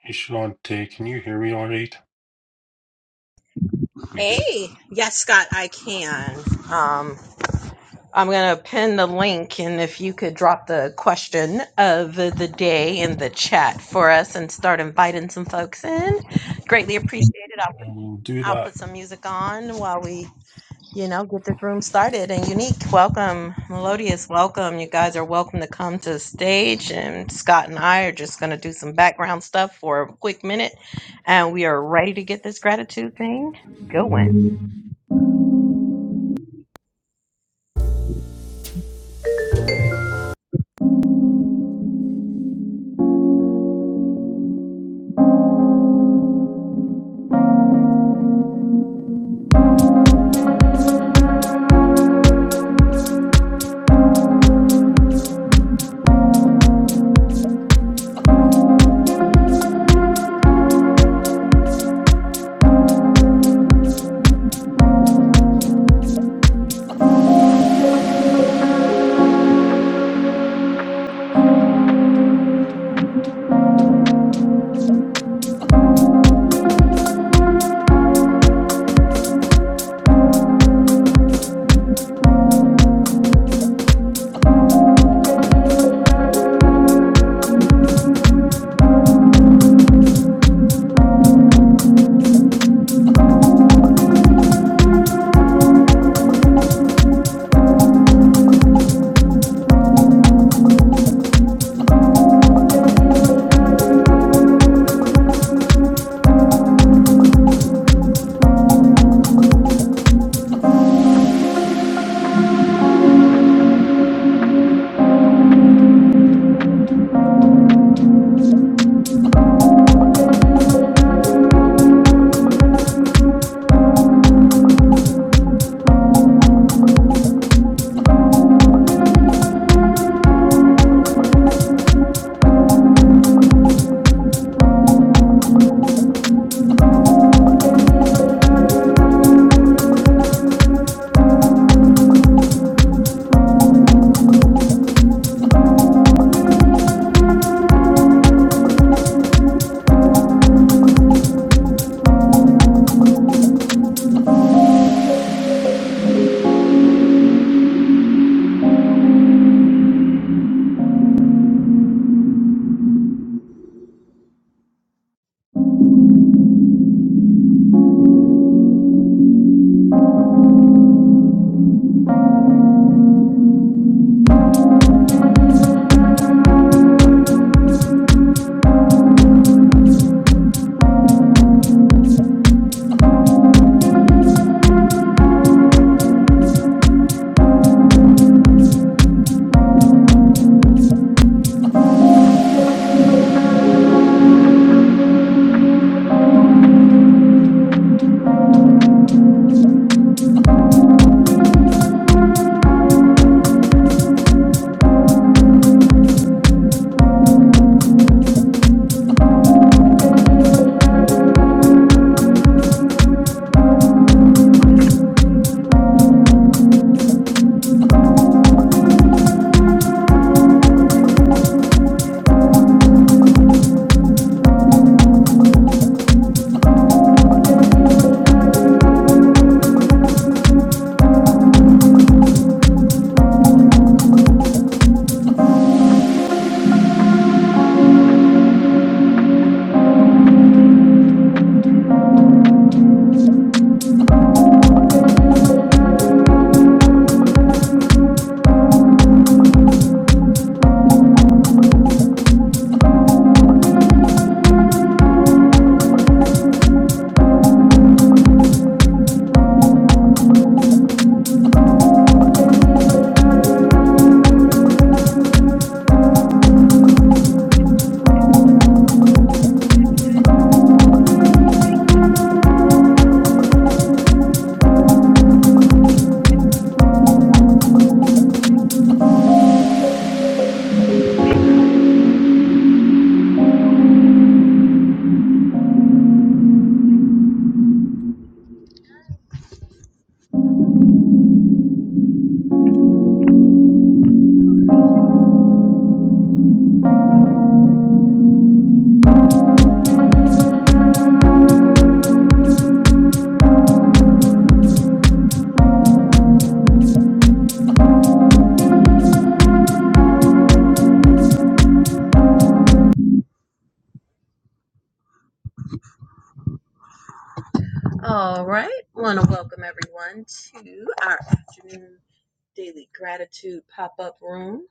Hey, Shantae, can you hear me all right? We good. Hey, yes, Scott, I can. Um, I'm going to pin the link, and if you could drop the question of the day in the chat for us and start inviting some folks in, greatly appreciated. I'll put, I will do I'll that. put some music on while we, you know, get this room started. And Unique, welcome. Melodious, welcome. You guys are welcome to come to the stage, and Scott and I are just going to do some background stuff for a quick minute, and we are ready to get this gratitude thing going. All right. Want to welcome everyone to our afternoon daily gratitude pop up room.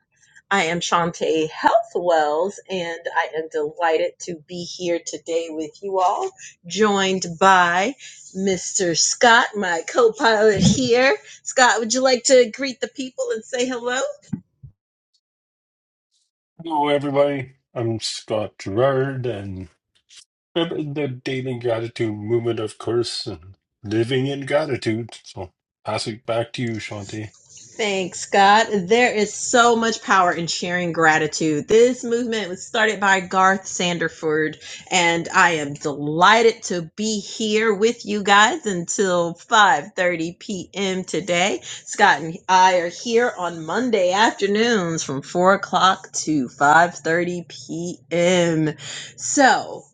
I am Shantae Health Wells, and I am delighted to be here today with you all, joined by Mr. Scott, my co pilot here. Scott, would you like to greet the people and say hello? Hello, everybody. I'm Scott Gerard, and I'm in the Daily Gratitude Movement, of course, and living in gratitude. So, pass it back to you, Shantae. Thanks, Scott. There is so much power in sharing gratitude. This movement was started by Garth Sanderford, and I am delighted to be here with you guys until 5:30 p.m. today. Scott and I are here on Monday afternoons from 4 o'clock to 5:30 p.m. So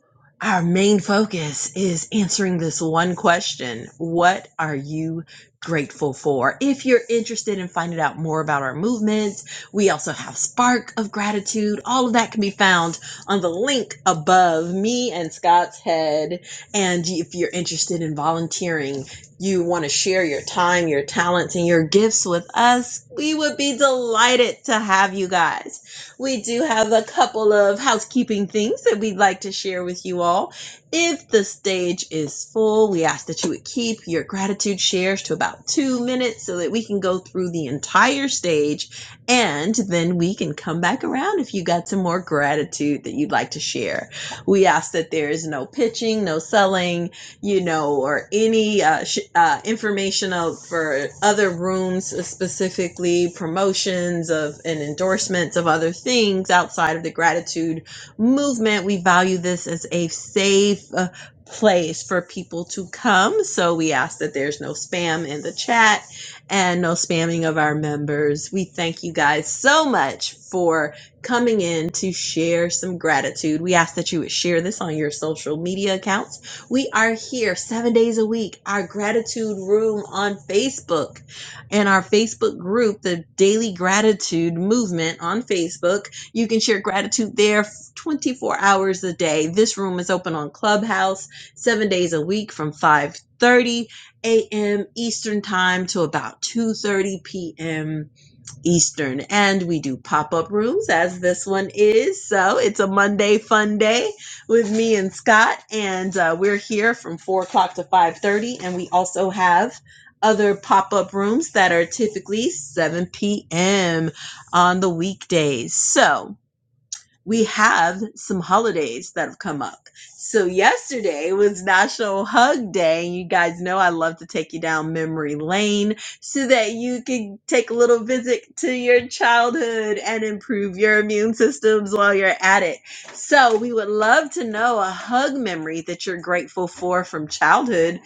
our main focus is answering this one question. What are you grateful for. If you're interested in finding out more about our movement, we also have Spark of Gratitude. All of that can be found on the link above me and Scott's head. And if you're interested in volunteering, you want to share your time, your talents, and your gifts with us, we would be delighted to have you guys. We do have a couple of housekeeping things that we'd like to share with you all. If the stage is full, we ask that you would keep your gratitude shares to about two minutes so that we can go through the entire stage and then we can come back around if you got some more gratitude that you'd like to share. We ask that there is no pitching, no selling, you know, or any uh, sh- uh, information of, for other rooms, uh, specifically promotions of and endorsements of other things outside of the gratitude movement. We value this as a safe uh, place for people to come. So we ask that there's no spam in the chat and no spamming of our members. We thank you guys so much for coming in to share some gratitude. We ask that you would share this on your social media accounts. We are here seven days a week, our gratitude room on Facebook and our Facebook group, the Daily Gratitude Movement on Facebook. You can share gratitude there 24 hours a day. This room is open on Clubhouse 7 days a week from 5:30 a.m. Eastern time to about 2:30 p.m. Eastern. And we do pop-up rooms as this one is. So, it's a Monday fun day with me and Scott and uh, we're here from 4 o'clock to 5:30 and we also have other pop-up rooms that are typically 7 p.m. on the weekdays. So, we have some holidays that have come up. So yesterday was National Hug Day. You guys know I love to take you down memory lane so that you can take a little visit to your childhood and improve your immune systems while you're at it. So we would love to know a hug memory that you're grateful for from childhood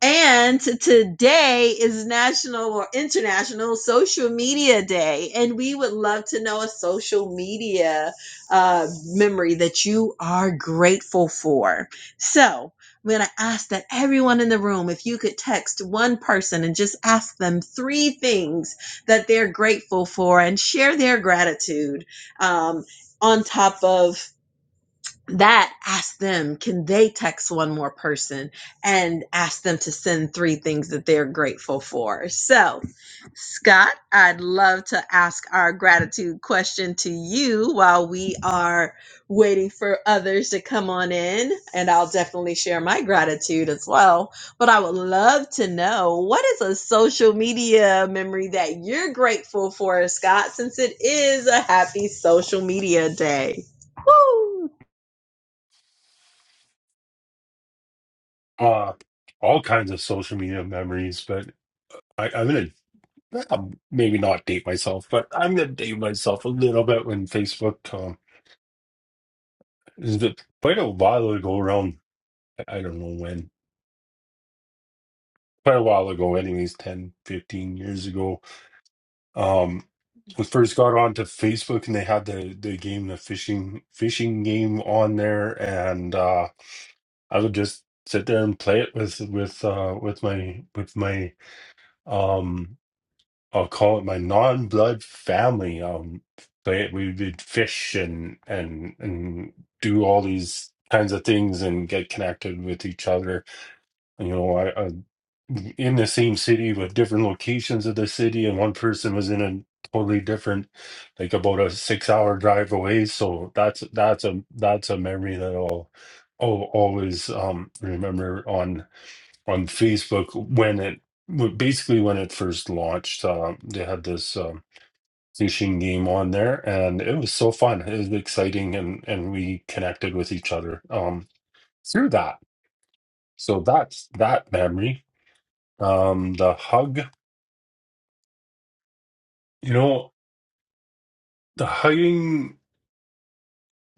and today is National or International Social Media Day. And we would love to know a social media uh, memory that you are grateful for. So I'm going to ask that everyone in the room, if you could text one person and just ask them three things that they're grateful for and share their gratitude um, on top of that ask them can they text one more person and ask them to send three things that they're grateful for so scott i'd love to ask our gratitude question to you while we are waiting for others to come on in and i'll definitely share my gratitude as well but i would love to know what is a social media memory that you're grateful for scott since it is a happy social media day Woo! Uh, all kinds of social media memories, but I, I'm going to maybe not date myself, but I'm going to date myself a little bit when Facebook, um, is it quite a while ago, around, I don't know when, quite a while ago, anyways, 10, 15 years ago Um, I first got onto Facebook and they had the the game, the fishing fishing game on there, and uh, I would just sit there and play it with with uh, with my with my um I'll call it my non-blood family. Um, play it. We would fish and and and do all these kinds of things and get connected with each other. You know, I in the same city but different locations of the city and one person was in a totally different like about a six hour drive away so that's that's a that's a memory that i'll, I'll always um remember on on facebook when it w- basically when it first launched um they had this um fishing game on there and it was so fun it was exciting and and we connected with each other um through that so that's that memory um the hug You know, the hugging,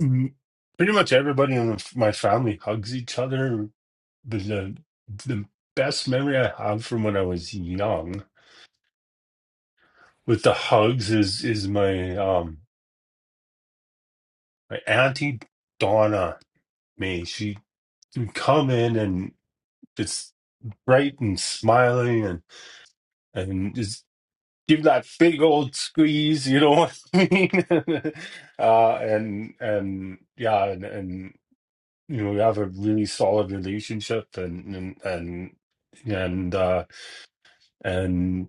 m- pretty much everybody in my family hugs each other. But the, the best memory I have from when I was young with the hugs is is my um my auntie Donna May. She would come in and it's bright and smiling and and just give that big old squeeze, you know what I mean? uh and and yeah, and and you know, have a really solid relationship and and and and uh and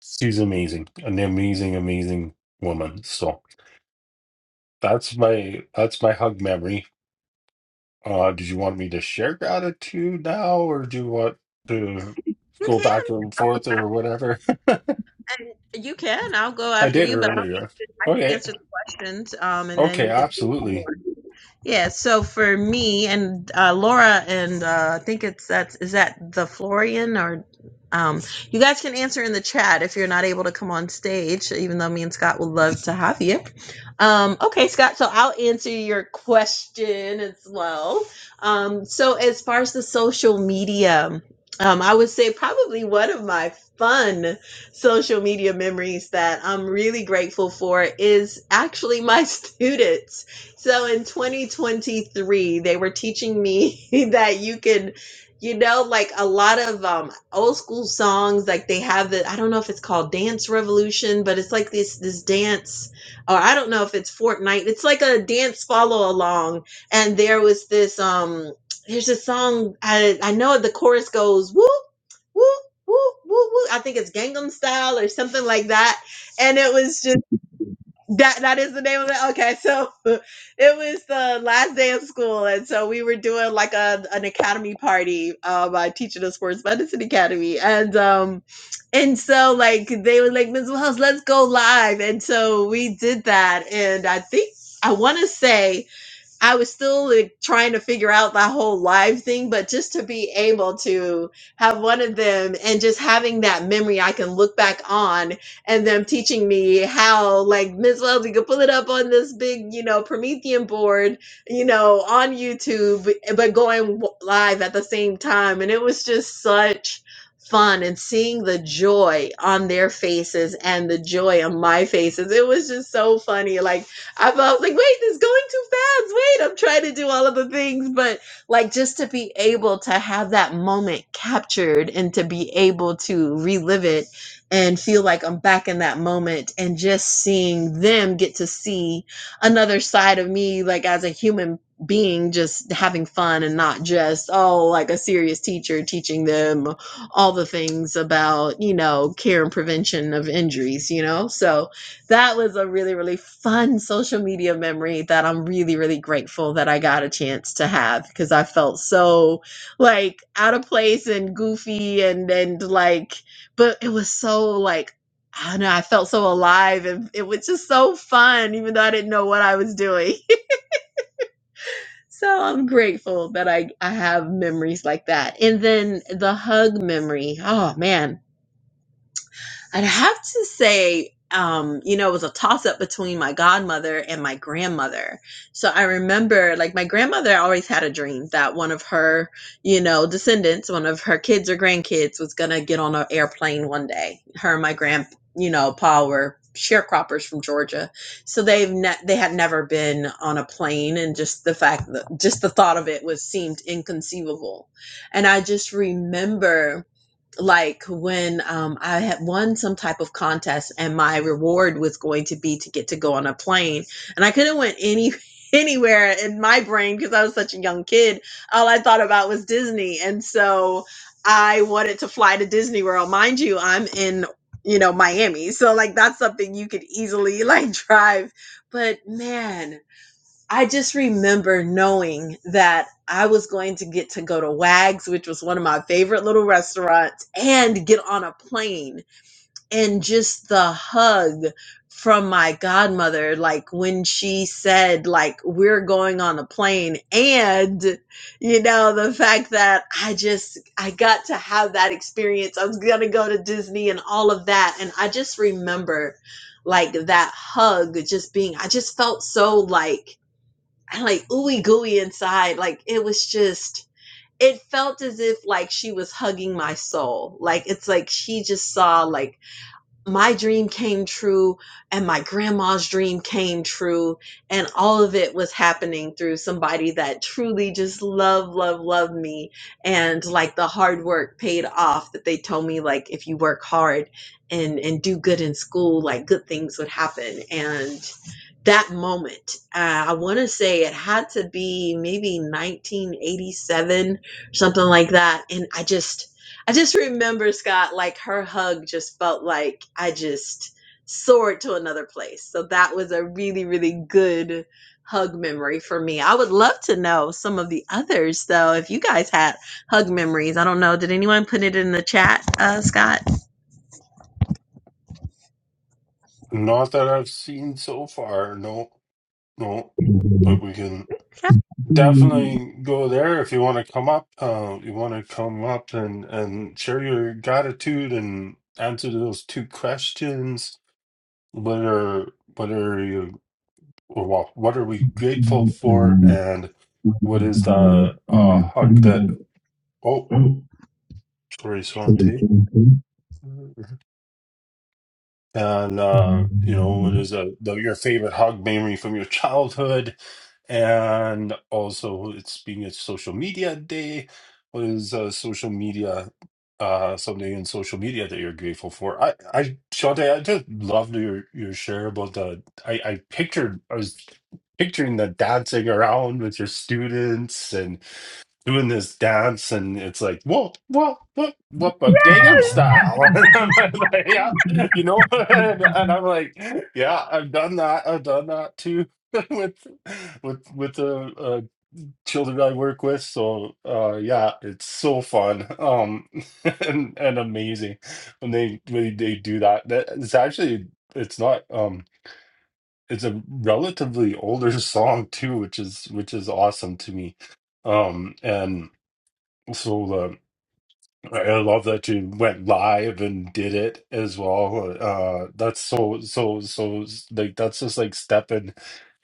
she's amazing, an amazing, amazing woman. So that's my that's my hug memory. Uh did you want me to share gratitude now or do you want to You go can, back and forth or whatever? you can. I'll go I after did you, but I'll, earlier. I can Okay. answer the questions, um, and then Okay, we can see some more. absolutely. Yeah. So for me and uh, Laura and uh, I think it's that's is that the Florian or um, you guys can answer in the chat if you're not able to come on stage. Even though me and Scott would love to have you. Um, okay, Scott. So I'll answer your question as well. Um, so as far as the social media, um, I would say probably one of my fun social media memories that I'm really grateful for is actually my students. So in 2023, they were teaching me that you can, you know, like a lot of um, old school songs, like they have the, I don't know if it's called Dance Revolution, but it's like this, this dance, or I don't know if it's Fortnite. It's like a dance follow along. And there was this, um, there's a song, I, I know the chorus goes, whoop, whoop woo, woo, woo. I think it's Gangnam Style or something like that. And it was just that that is the name of it. Okay, so it was the last day of school, and so we were doing like a an academy party. Um, I teach at a sports medicine academy, and um, and so like they were like Ms. Wells, let's go live, and so we did that, and I think I want to say. I was still like, trying to figure out that whole live thing, but just to be able to have one of them and just having that memory I can look back on and them teaching me how, like, Ms. Wells, you could pull it up on this big, you know, Promethean board, you know, on YouTube, but going w- live at the same time. And it was just such fun and seeing the joy on their faces and the joy on my faces. It was just so funny. Like, I felt like, wait, this is going too "Yes, wait, I'm trying to do all of the things. But like just to be able to have that moment captured and to be able to relive it and feel like I'm back in that moment and just seeing them get to see another side of me, like as a human being, just having fun and not just, oh, like a serious teacher teaching them all the things about, you know, care and prevention of injuries, you know? So, that was a really, really fun social media memory that I'm really, really grateful that I got a chance to have because I felt so like out of place and goofy and and like, but it was so like I don't know, I felt so alive and it was just so fun, even though I didn't know what I was doing. so I'm grateful that I, I have memories like that. And then the hug memory. Oh man, I'd have to say, um, you know, it was a toss up between my godmother and my grandmother. So I remember, like, my grandmother always had a dream that one of her, you know, descendants, one of her kids or grandkids was going to get on an airplane one day. Her and my grand, you know, pa were sharecroppers from Georgia. So they've ne- they had never been on a plane and just the fact that just the thought of it was seemed inconceivable. And I just remember like when um, I had won some type of contest and my reward was going to be to get to go on a plane and I couldn't went any anywhere in my brain because I was such a young kid all I thought about was Disney and so I wanted to fly to Disney World mind you I'm in you know Miami so like that's something you could easily like drive but man I just remember knowing that I was going to get to go to Wags, which was one of my favorite little restaurants, and get on a plane. And just the hug from my godmother, like when she said, like, we're going on a plane. And, you know, the fact that I just, I got to have that experience. I was going to go to Disney and all of that. And I just remember like that hug just being, I just felt so like, like ooey gooey inside. Like it was just, it felt as if like she was hugging my soul. Like it's like she just saw like my dream came true and my grandma's dream came true and all of it was happening through somebody that truly just loved, loved, loved me and like the hard work paid off that they told me like if you work hard and and do good in school like good things would happen and that moment uh, i want to say it had to be maybe 1987 something like that and i just I just remember Scott, like her hug just felt like I just soared to another place. So that was a really, really good hug memory for me. I would love to know some of the others though, if you guys had hug memories. I don't know. Did anyone put it in the chat, uh, Scott? Not that I've seen so far, no, no. But we can Definitely go there if you want to come up. Uh, you want to come up and and share your gratitude and answer those two questions. What are what are you or well, what are we grateful for, and what is the uh, hug that? Oh, sorry, Yeah. Swante. and uh, you know what is a the, your favorite hug memory from your childhood, and also it's being a social media day. What is uh, social media? Uh, something in social media that you're grateful for. I, I, Shante, I just loved your your share about the. I, I pictured, I was picturing the dancing around with your students and doing this dance and it's like whoa whoa whoa whoop a Gangnam style and I'm like yeah you know and, and I'm like yeah I've done that I've done that too with with with the uh, children I work with so uh yeah it's so fun um and and amazing when they when they do that that it's actually it's not um it's a relatively older song too which is which is awesome to me um and so uh, I love that you went live and did it as well. Uh, that's so so so like that's just like stepping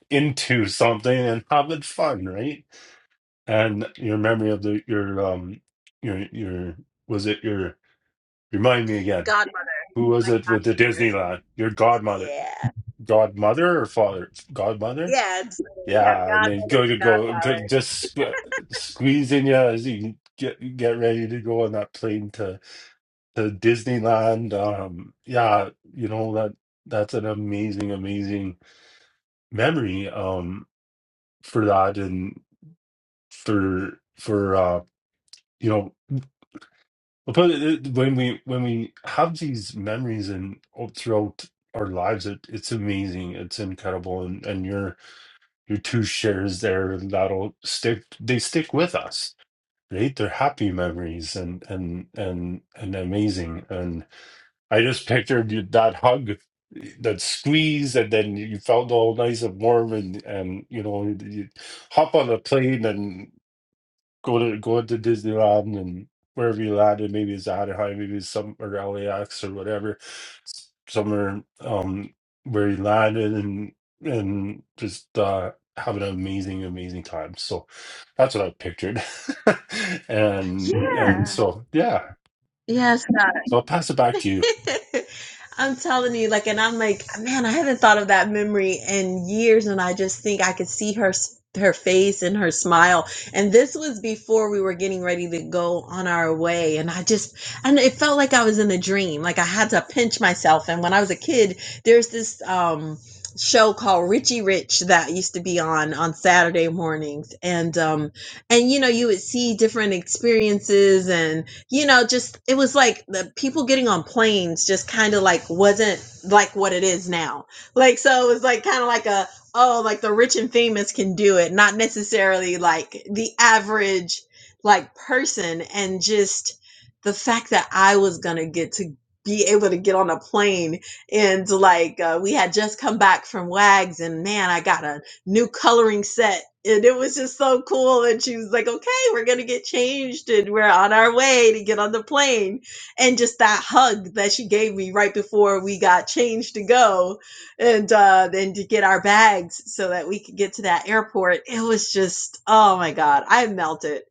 into something and having fun, right? And your memory of the your um your your was it your remind me again. Godmother, Who was it with the godmother. Disneyland? Your godmother, Yeah. godmother or father, godmother? Yeah. So we have Yeah, and then go godmother, to go, go godfather. just sque- squeezing you as you get get ready to go on that plane to Disneyland. Um, yeah, you know that that's an amazing, amazing memory. Um, for that and for for uh, you know, I'll put it when we when we have these memories and all throughout our lives, it, it's amazing, it's incredible, and and your your two shares there that'll stick. They stick with us. Right, they're happy memories and and and and amazing I just pictured you, that hug, that squeeze, and then you felt all nice and warm, and and you know you you hop on a plane and go to go to Disneyland and wherever you landed. Maybe it's Anaheim, maybe it's some or LAX or whatever, s- somewhere um where you landed and and just uh have an amazing amazing time. So that's what I pictured, and and Yeah. so yeah. Yes, So I'll pass it back to God. I'm telling you, like, and I'm like, man, I haven't thought of that memory in years, and I just think I could see her s- her face and her smile. And this was before we were getting ready to go on our way, and I just, and it felt like I was in a dream. Like I had to pinch myself. And when I was a kid, there's this um show called Richie Rich that used to be on on Saturday mornings, and um, and you know, you would see different experiences and you know, just it was like the people getting on planes just kind of like wasn't like what it is now. Like, so it was like kind of like a, oh, like the rich and famous can do it, not necessarily like the average like person. And just the fact that I was going to get to be able to get on a plane and like uh, we had just come back from wags and man i got a new coloring set. And it was just so cool. And she was like, okay, we're going to get changed and we're on our way to get on the plane. And just that hug that she gave me right before we got changed to go and uh, then to get our bags so that we could get to that airport. It was just, oh my God, I melted.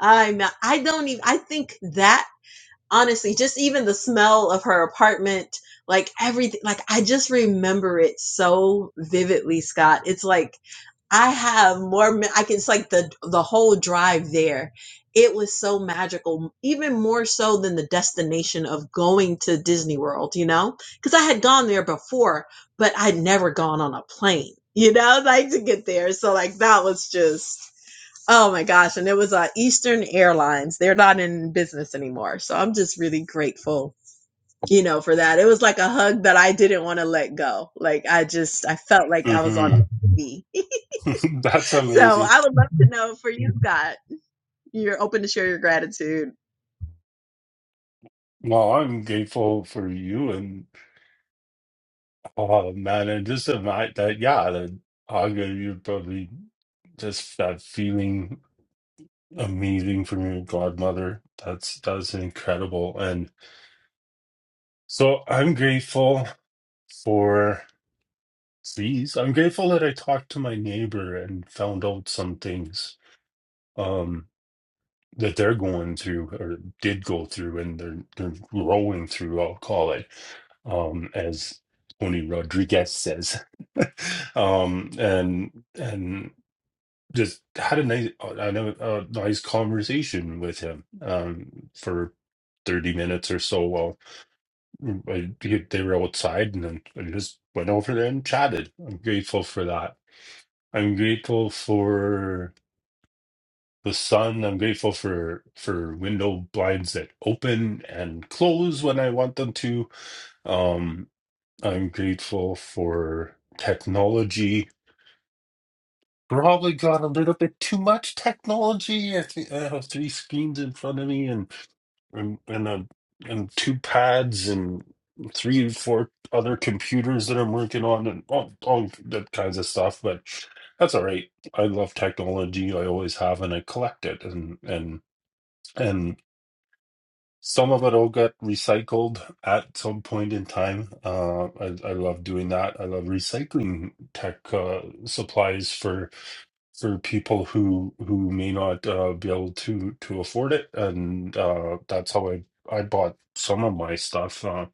I, mel- I don't even, I think that honestly, just even the smell of her apartment, like everything, like I just remember it so vividly, Scott. It's like, I have more. me- I can. It's like the the whole drive there. It was so magical, even more so than the destination of going to Disney World. You know, because I had gone there before, but I'd never gone on a plane. You know, like to get there. So like that was just. Oh my gosh. And it was uh, Eastern Airlines. They're not in business anymore. So I'm just really grateful, you know, for that. It was like a hug that I didn't want to let go. Like I just, I felt like I was on you. TV That's so amazing. I would love to know for you, Scott, you're open to share your gratitude Well, I'm grateful for you and oh man, and just the fact that yeah, that Aga, you probably just that feeling amazing from your godmother. That's that's incredible. And so I'm grateful for these. I'm grateful that I talked to my neighbor and found out some things. Um, that they're going through or did go through and they're they're rolling through, I'll call it, um, as Tony Rodriguez says. um, and and just had a nice I know a nice conversation with him um, for 30 minutes or so while I, they were outside and then I just went over there and chatted. I'm grateful for that. I'm grateful for the sun. I'm grateful for for window blinds that open and close when I want them to. Um, I'm grateful for technology. Probably got a little bit too much technology. I think I have three screens in front of me and and and, a, and two pads and three or four other computers that I'm working on and all, all that kinds of stuff. But that's all right. I love technology. I always have, and I collect it. And and and Some of it all got recycled at some point in time. Uh, I, I love doing that. I love recycling tech uh, supplies for for people who who may not uh, be able to to afford it, and uh, that's how I I bought some of my stuff uh,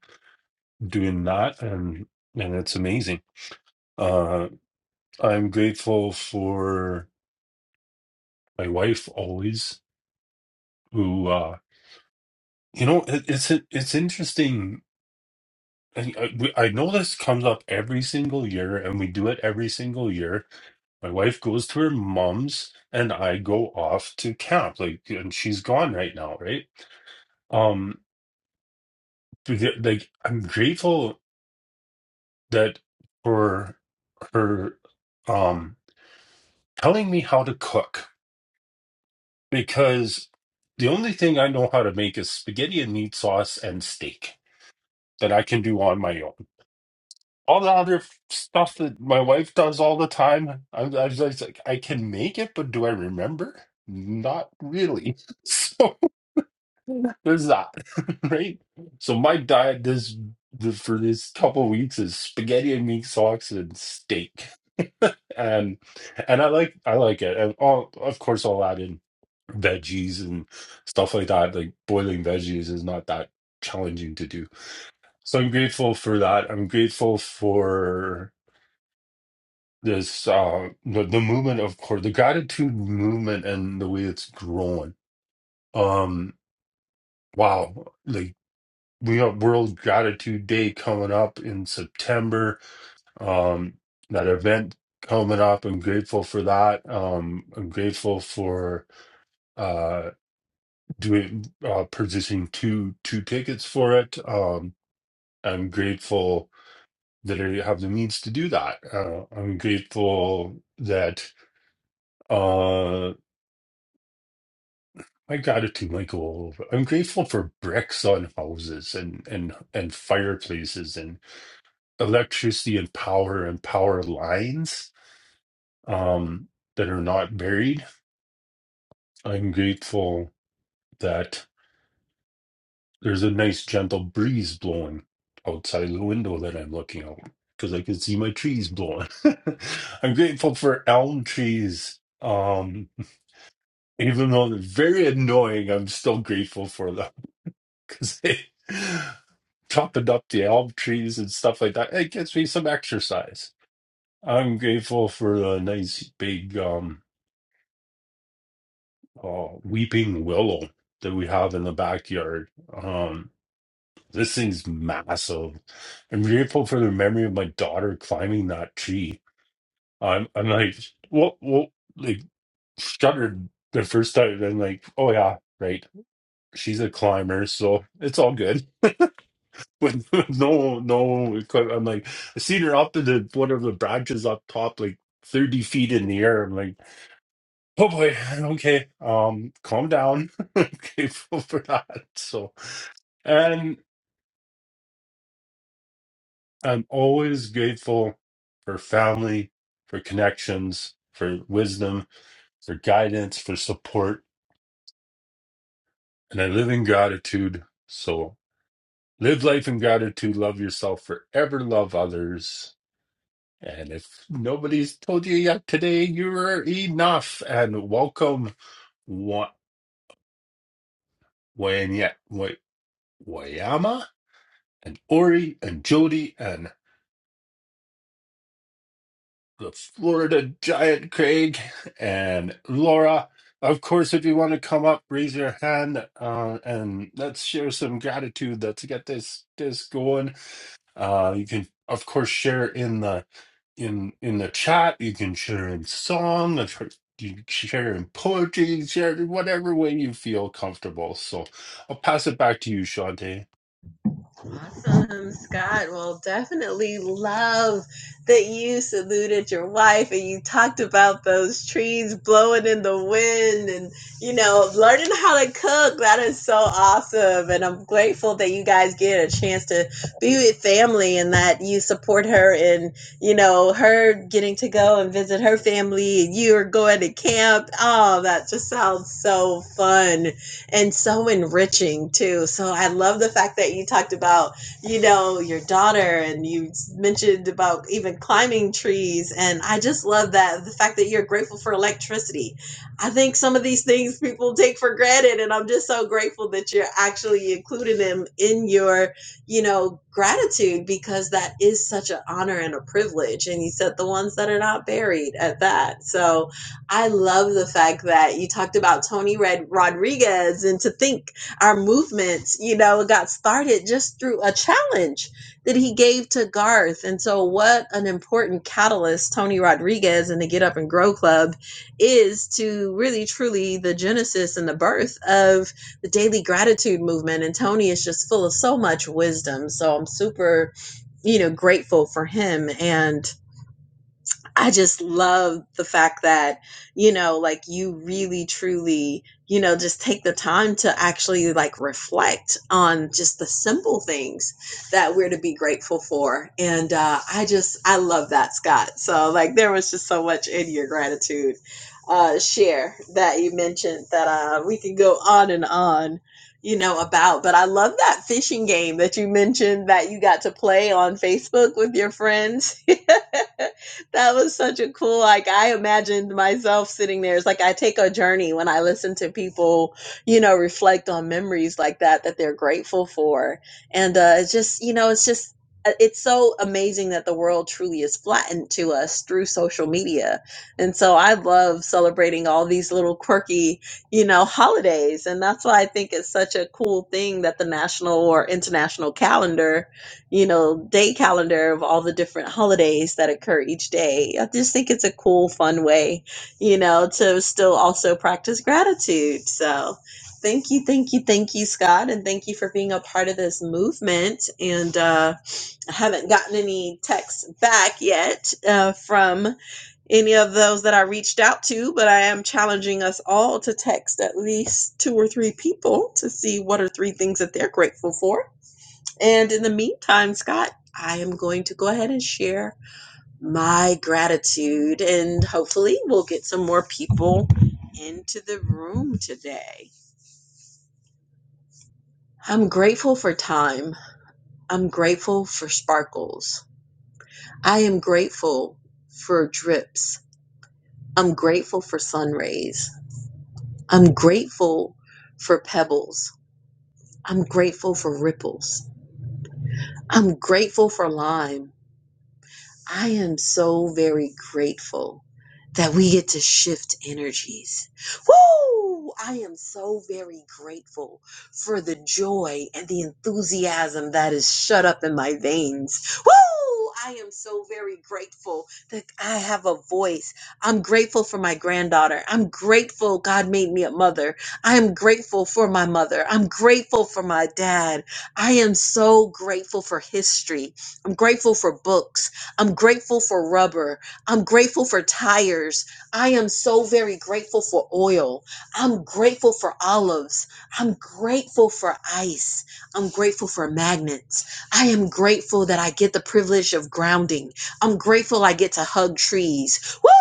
doing that, and and it's amazing. Uh, I'm grateful for my wife always, who uh, you know it, it's it's interesting I, I, we- I know this comes up every single year, and we do it every single year. My wife goes to her mom's, and I go off to camp. Like, and she's gone right now, right? Um, to like I'm grateful that for her, um, telling me how to cook because the only thing I know how to make is spaghetti and meat sauce and steak that I can do on my own all the other stuff that my wife does all the time. I, I was like, I can make it, but do I remember? Not really. So there's that, right? So my diet this the, for this couple weeks is spaghetti and meat sauce and steak, and and I like I like it. And all, of course, I'll add in veggies and stuff like that. Like boiling veggies is not that challenging to do. So I'm grateful for that. I'm grateful for. this uh the, the movement of course the gratitude movement and the way it's growing um wow like we have world gratitude day coming up in september um that event coming up i'm grateful for that um i'm grateful for uh doing uh purchasing two two tickets for it um i'm grateful that i have the means to do that uh, i'm grateful that uh, My gratitude might go all over. I'm grateful for bricks on houses and and and fireplaces and electricity and power and power lines um, that are not buried. I'm grateful that there's a nice gentle breeze blowing outside the window that I'm looking out because I can see my trees blowing. I'm grateful for elm trees. Um, even though they're very annoying, I'm still grateful for them. because they chopping up the elm trees and stuff like that. It gets me some exercise. I'm grateful for the nice big um uh, weeping willow that we have in the backyard. Um, this thing's massive. I'm grateful for the memory of my daughter climbing that tree. I'm I'm like what what like shuddered the first time. And I'm like oh yeah right. She's a climber, so it's all good. with no no equipment. I'm like, I seen her up in the one of the branches up top, like thirty feet in the air. I'm like, oh boy, okay, um, calm down. I'm grateful for that. So, and I'm always grateful for family, for connections, for wisdom, for guidance, for support, and I live in gratitude. So. Live life in gratitude, love yourself forever, love others. And if nobody's told you yet today, you're enough. And welcome, Wa- Wayanya, Wa- Wayama, and Ori, and Jody, and the Florida Giant Craig, and Laura. Of course, if you want to come up, raise your hand, uh, and let's share some gratitude. Let's get this this going. Uh, you can, of course, share it in the in in the chat. You can share in song. of course, You can share in poetry. You can share it in whatever way you feel comfortable. So I'll pass it back to you, Shantae. Awesome, Scott. Well, definitely love that you saluted your wife and you talked about those trees blowing in the wind and, you know, learning how to cook. That is so awesome. And I'm grateful that you guys get a chance to be with family and that you support her and, you know, her getting to go and visit her family and you are going to camp. Oh, that just sounds so fun and so enriching too. So I love the fact that you talked about, you know, your daughter and you mentioned about even climbing trees. And I just love that the fact that you're grateful for electricity. I think some of these things people take for granted. And I'm just so grateful that you're actually including them in your, you know, gratitude because that is such an honor and a privilege. And you said the ones that are not buried at that. So, I love the fact that you talked about Tony Red Rodriguez and to think our movement, you know, got started just through a challenge that he gave to Garth. And so what an important catalyst Tony Rodriguez and the Get Up and Grow Club is to really truly the genesis and the birth of the daily gratitude movement. And Tony is just full of so much wisdom. So I'm super, you know, grateful for him. And I just love the fact that, you know, like you really truly, you know, just take the time to actually like reflect on just the simple things that we're to be grateful for. And uh, I just, I love that, Scott. So, like, there was just so much in your gratitude uh, share that you mentioned that uh, we could go on and on. You know, about, but I love that fishing game that you mentioned that you got to play on Facebook with your friends that was such a cool like i imagined myself sitting there it's like i take a journey when i listen to people you know reflect on memories like that that they're grateful for and uh it's just you know it's just uh, it's so amazing that the world truly is flattened to us through social media and so i love celebrating all these little quirky you know holidays and that's why i think it's such a cool thing that the national or international calendar you know, day calendar of all the different holidays that occur each day. I just think it's a cool, fun way, you know, to still also practice gratitude. So thank you, thank you, thank you, Scott. And thank you for being a part of this movement. And uh, I haven't gotten any texts back yet uh, from any of those that I reached out to, but I am challenging us all to text at least two or three people to see what are three things that they're grateful for and in the meantime, Scott, I am going to go ahead and share my gratitude, and hopefully, we'll get some more people into the room today. I'm grateful for time. I'm grateful for sparkles. I am grateful for drips. I'm grateful for sun rays. I'm grateful for pebbles. I'm grateful for ripples. I'm grateful for lime. I am so very grateful that we get to shift energies. Woo! I am so very grateful for the joy and the enthusiasm that is shut up in my veins. Woo! I am so very grateful that I have a voice. I'm grateful for my granddaughter. I'm grateful God made me a mother. I am grateful for my mother. I'm grateful for my dad. I am so grateful for history. I'm grateful for books. I'm grateful for rubber. I'm grateful for tires. I am so very grateful for oil. I'm grateful for olives. I'm grateful for ice. I'm grateful for magnets. I am grateful that I get the privilege of grounding. I'm grateful I get to hug trees. Woo!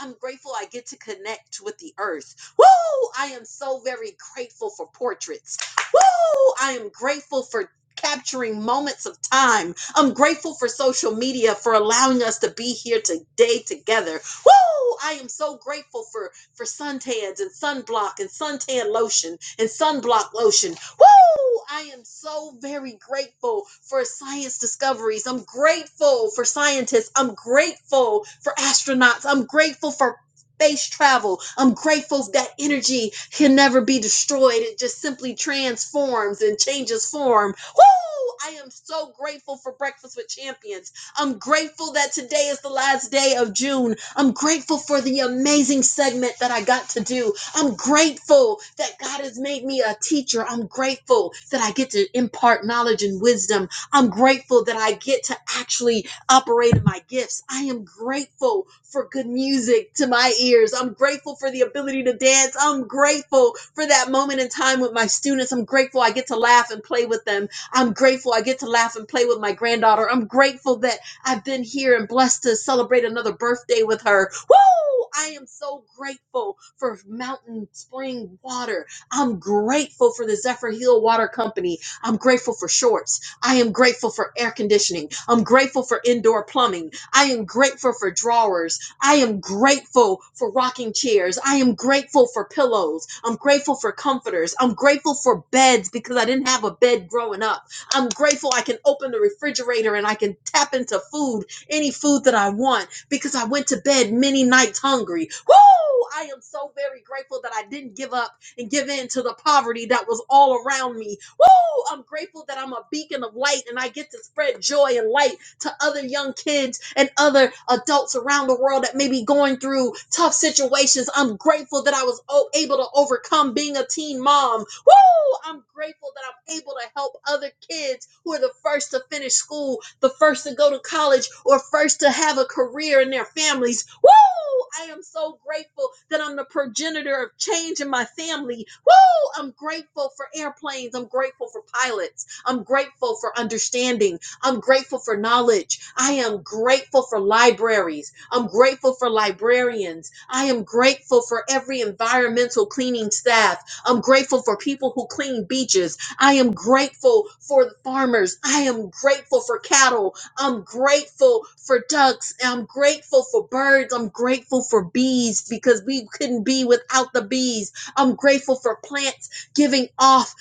I'm grateful I get to connect with the earth. Woo! I am so very grateful for portraits. Woo! I am grateful for capturing moments of time I'm grateful for social media for allowing us to be here today together. Woo! I am so grateful for for suntans and sunblock and suntan lotion and sunblock lotion. Woo! I am so very grateful for science discoveries. I'm grateful for scientists. I'm grateful for astronauts. I'm grateful for space travel. I'm grateful that energy can never be destroyed. It just simply transforms and changes form Woo! I am so grateful for Breakfast with Champions. I'm grateful that today is the last day of June. I'm grateful for the amazing segment that I got to do. I'm grateful that God has made me a teacher. I'm grateful that I get to impart knowledge and wisdom. I'm grateful that I get to actually operate in my gifts. I am grateful for good music to my ears. I'm grateful for the ability to dance. I'm grateful for that moment in time with my students. I'm grateful I get to laugh and play with them. I'm grateful I get to laugh and play with my granddaughter. I'm grateful that I've been here and blessed to celebrate another birthday with her. Woo! I am so grateful for Mountain Spring Water. I'm grateful for the Zephyr Hill Water Company. I'm grateful for shorts. I am grateful for air conditioning. I'm grateful for indoor plumbing. I am grateful for drawers. I am grateful for rocking chairs. I am grateful for pillows. I'm grateful for comforters. I'm grateful for beds because I didn't have a bed growing up. I'm grateful I can open the refrigerator and I can tap into food, any food that I want, because I went to bed many nights hungry. Woo! I am so very grateful that I didn't give up and give in to the poverty that was all around me. Woo! I'm grateful that I'm a beacon of light and I get to spread joy and light to other young kids and other adults around the world that may be going through tough situations. I'm grateful that I was o- able to overcome being a teen mom. Woo! I'm grateful that I'm able to help other kids who are the first to finish school, the first to go to college, or first to have a career in their families. Woo! I am so grateful that I'm the progenitor of change in my family. Woo! I'm grateful for airplanes. I'm grateful for pilots. I'm grateful for understanding. I'm grateful for knowledge. I am grateful for libraries. I'm grateful for librarians. I am grateful for every environmental cleaning staff. I'm grateful for people who clean beaches. I am grateful for the farmers. I am grateful for cattle. I'm grateful for ducks. I'm grateful for birds. I'm grateful for bees because we couldn't be without the bees. I'm grateful for plants giving off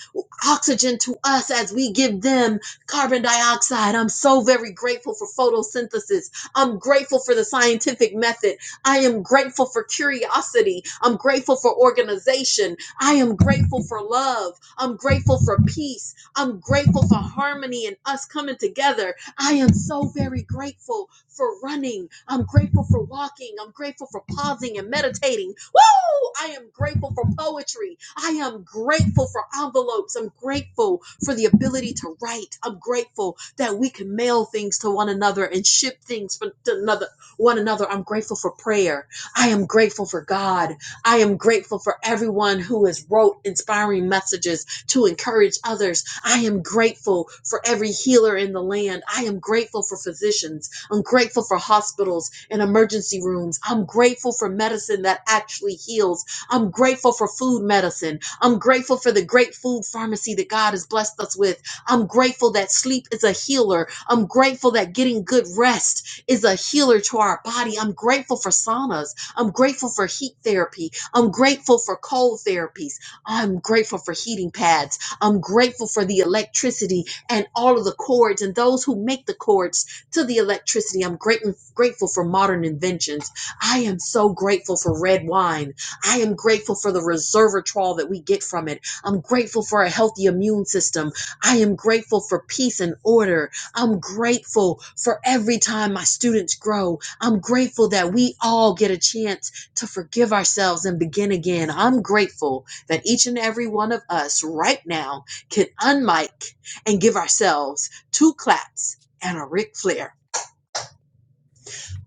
oxygen to us as we give them. Carbon dioxide. I'm so very grateful for photosynthesis. I'm grateful for the scientific method. I am grateful for curiosity. I'm grateful for organization. I am grateful for love. I'm grateful for peace. I'm grateful for harmony and us coming together. I am so very grateful for running. I'm grateful for walking. I'm grateful for pausing and meditating. Woo! I am grateful for poetry. I am grateful for envelopes. I'm grateful for the ability to write. I'm grateful that we can mail things to one another and ship things for- to another one another. I'm grateful for prayer. I am grateful for God. I am grateful for everyone who has wrote inspiring messages to encourage others I am grateful for every healer in the land. I am grateful for physicians. I'm grateful for hospitals and emergency rooms. I'm grateful for medicine that actually heals. I'm grateful for food medicine. I'm grateful for the great food pharmacy that God has blessed us with. I'm grateful that sleep is a healer. I'm grateful that getting good rest is a healer to our body. I'm grateful for saunas. I'm grateful for heat therapy. I'm grateful for cold therapies. I'm grateful for heating pads. I'm grateful for the electricity and all of the cords and those who make the cords to the electricity. I'm great, grateful for modern inventions. I am so grateful for red wine. I am grateful for the resveratrol that we get from it. I'm grateful for a healthy immune system. I am grateful for peace and order. I'm grateful for every time my students grow. I'm grateful that we all get a chance to forgive ourselves and begin again. I'm grateful that each and every one of us right now can unmic and give ourselves two claps and a Ric Flair.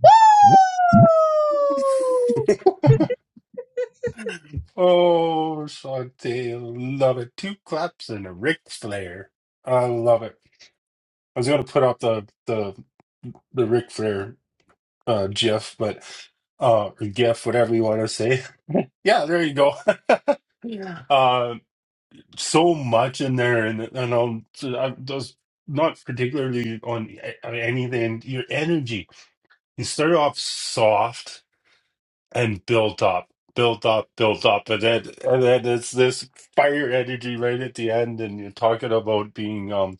Woo! oh, Shantae, love it. Two claps and a Ric Flair. I love it. I was gonna put up the the the Ric Flair uh, GIF, but uh, or GIF, whatever you want to say. Yeah, there you go. Yeah. so much in there, and and um, so I was not particularly on a- on anything. Your energy, you start off soft and built up, built up, built up, and then and then it's this fire energy right at the end, and you're talking about being um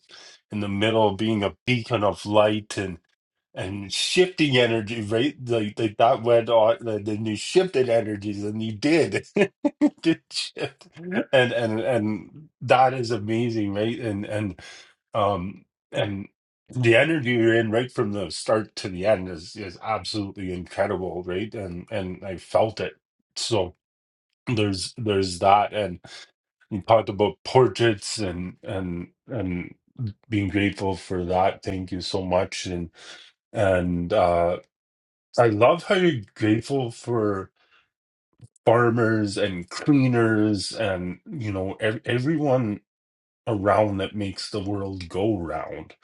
in the middle, being a beacon of light, and shifting energy, right? Like, like that went on, like, then you shifted energies, and you did, did shift, and and and that is amazing, right? And and um and the energy you're in right from the start to the end is is absolutely incredible, right? And and I felt it. So there's there's that, and you talked about portraits and and and being grateful for that. Thank you so much, and and uh I love how you're grateful for farmers and cleaners and you know ev- everyone around that makes the world go round.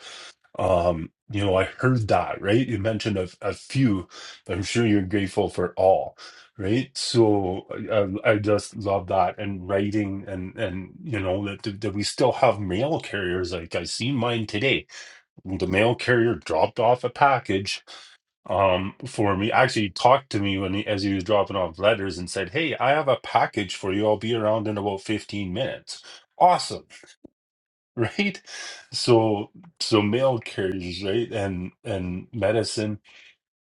Um, you know, I heard that, right? You mentioned a, a few, but I'm sure you're grateful for all, right? So I, I I just love that and writing and and you know that that we still have mail carriers. Like I seen mine today. The mail carrier dropped off a package um for me actually talked to me when he, as he was dropping off letters and said hey i have a package for you i'll be around in about 15 minutes awesome right so so mail carriers right and and medicine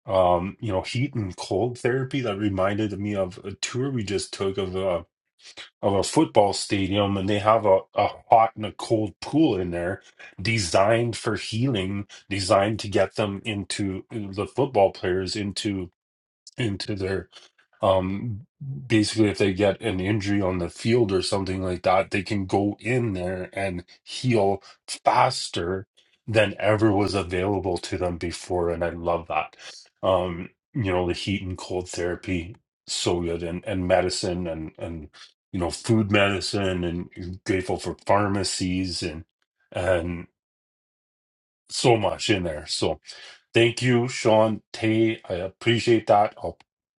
um you know heat and cold therapy that reminded me of a tour we just took of a of a football stadium and they have a, a hot and a cold pool in there designed for healing designed to get them into uh, the football players into into their um basically if they get an injury on the field or something like that they can go in there and heal faster than ever was available to them before and I love that um you know the heat and cold therapy so good and and medicine and and you know food medicine and grateful for pharmacies and and so much in there so. Thank you, Sean Tay. I appreciate that. I'll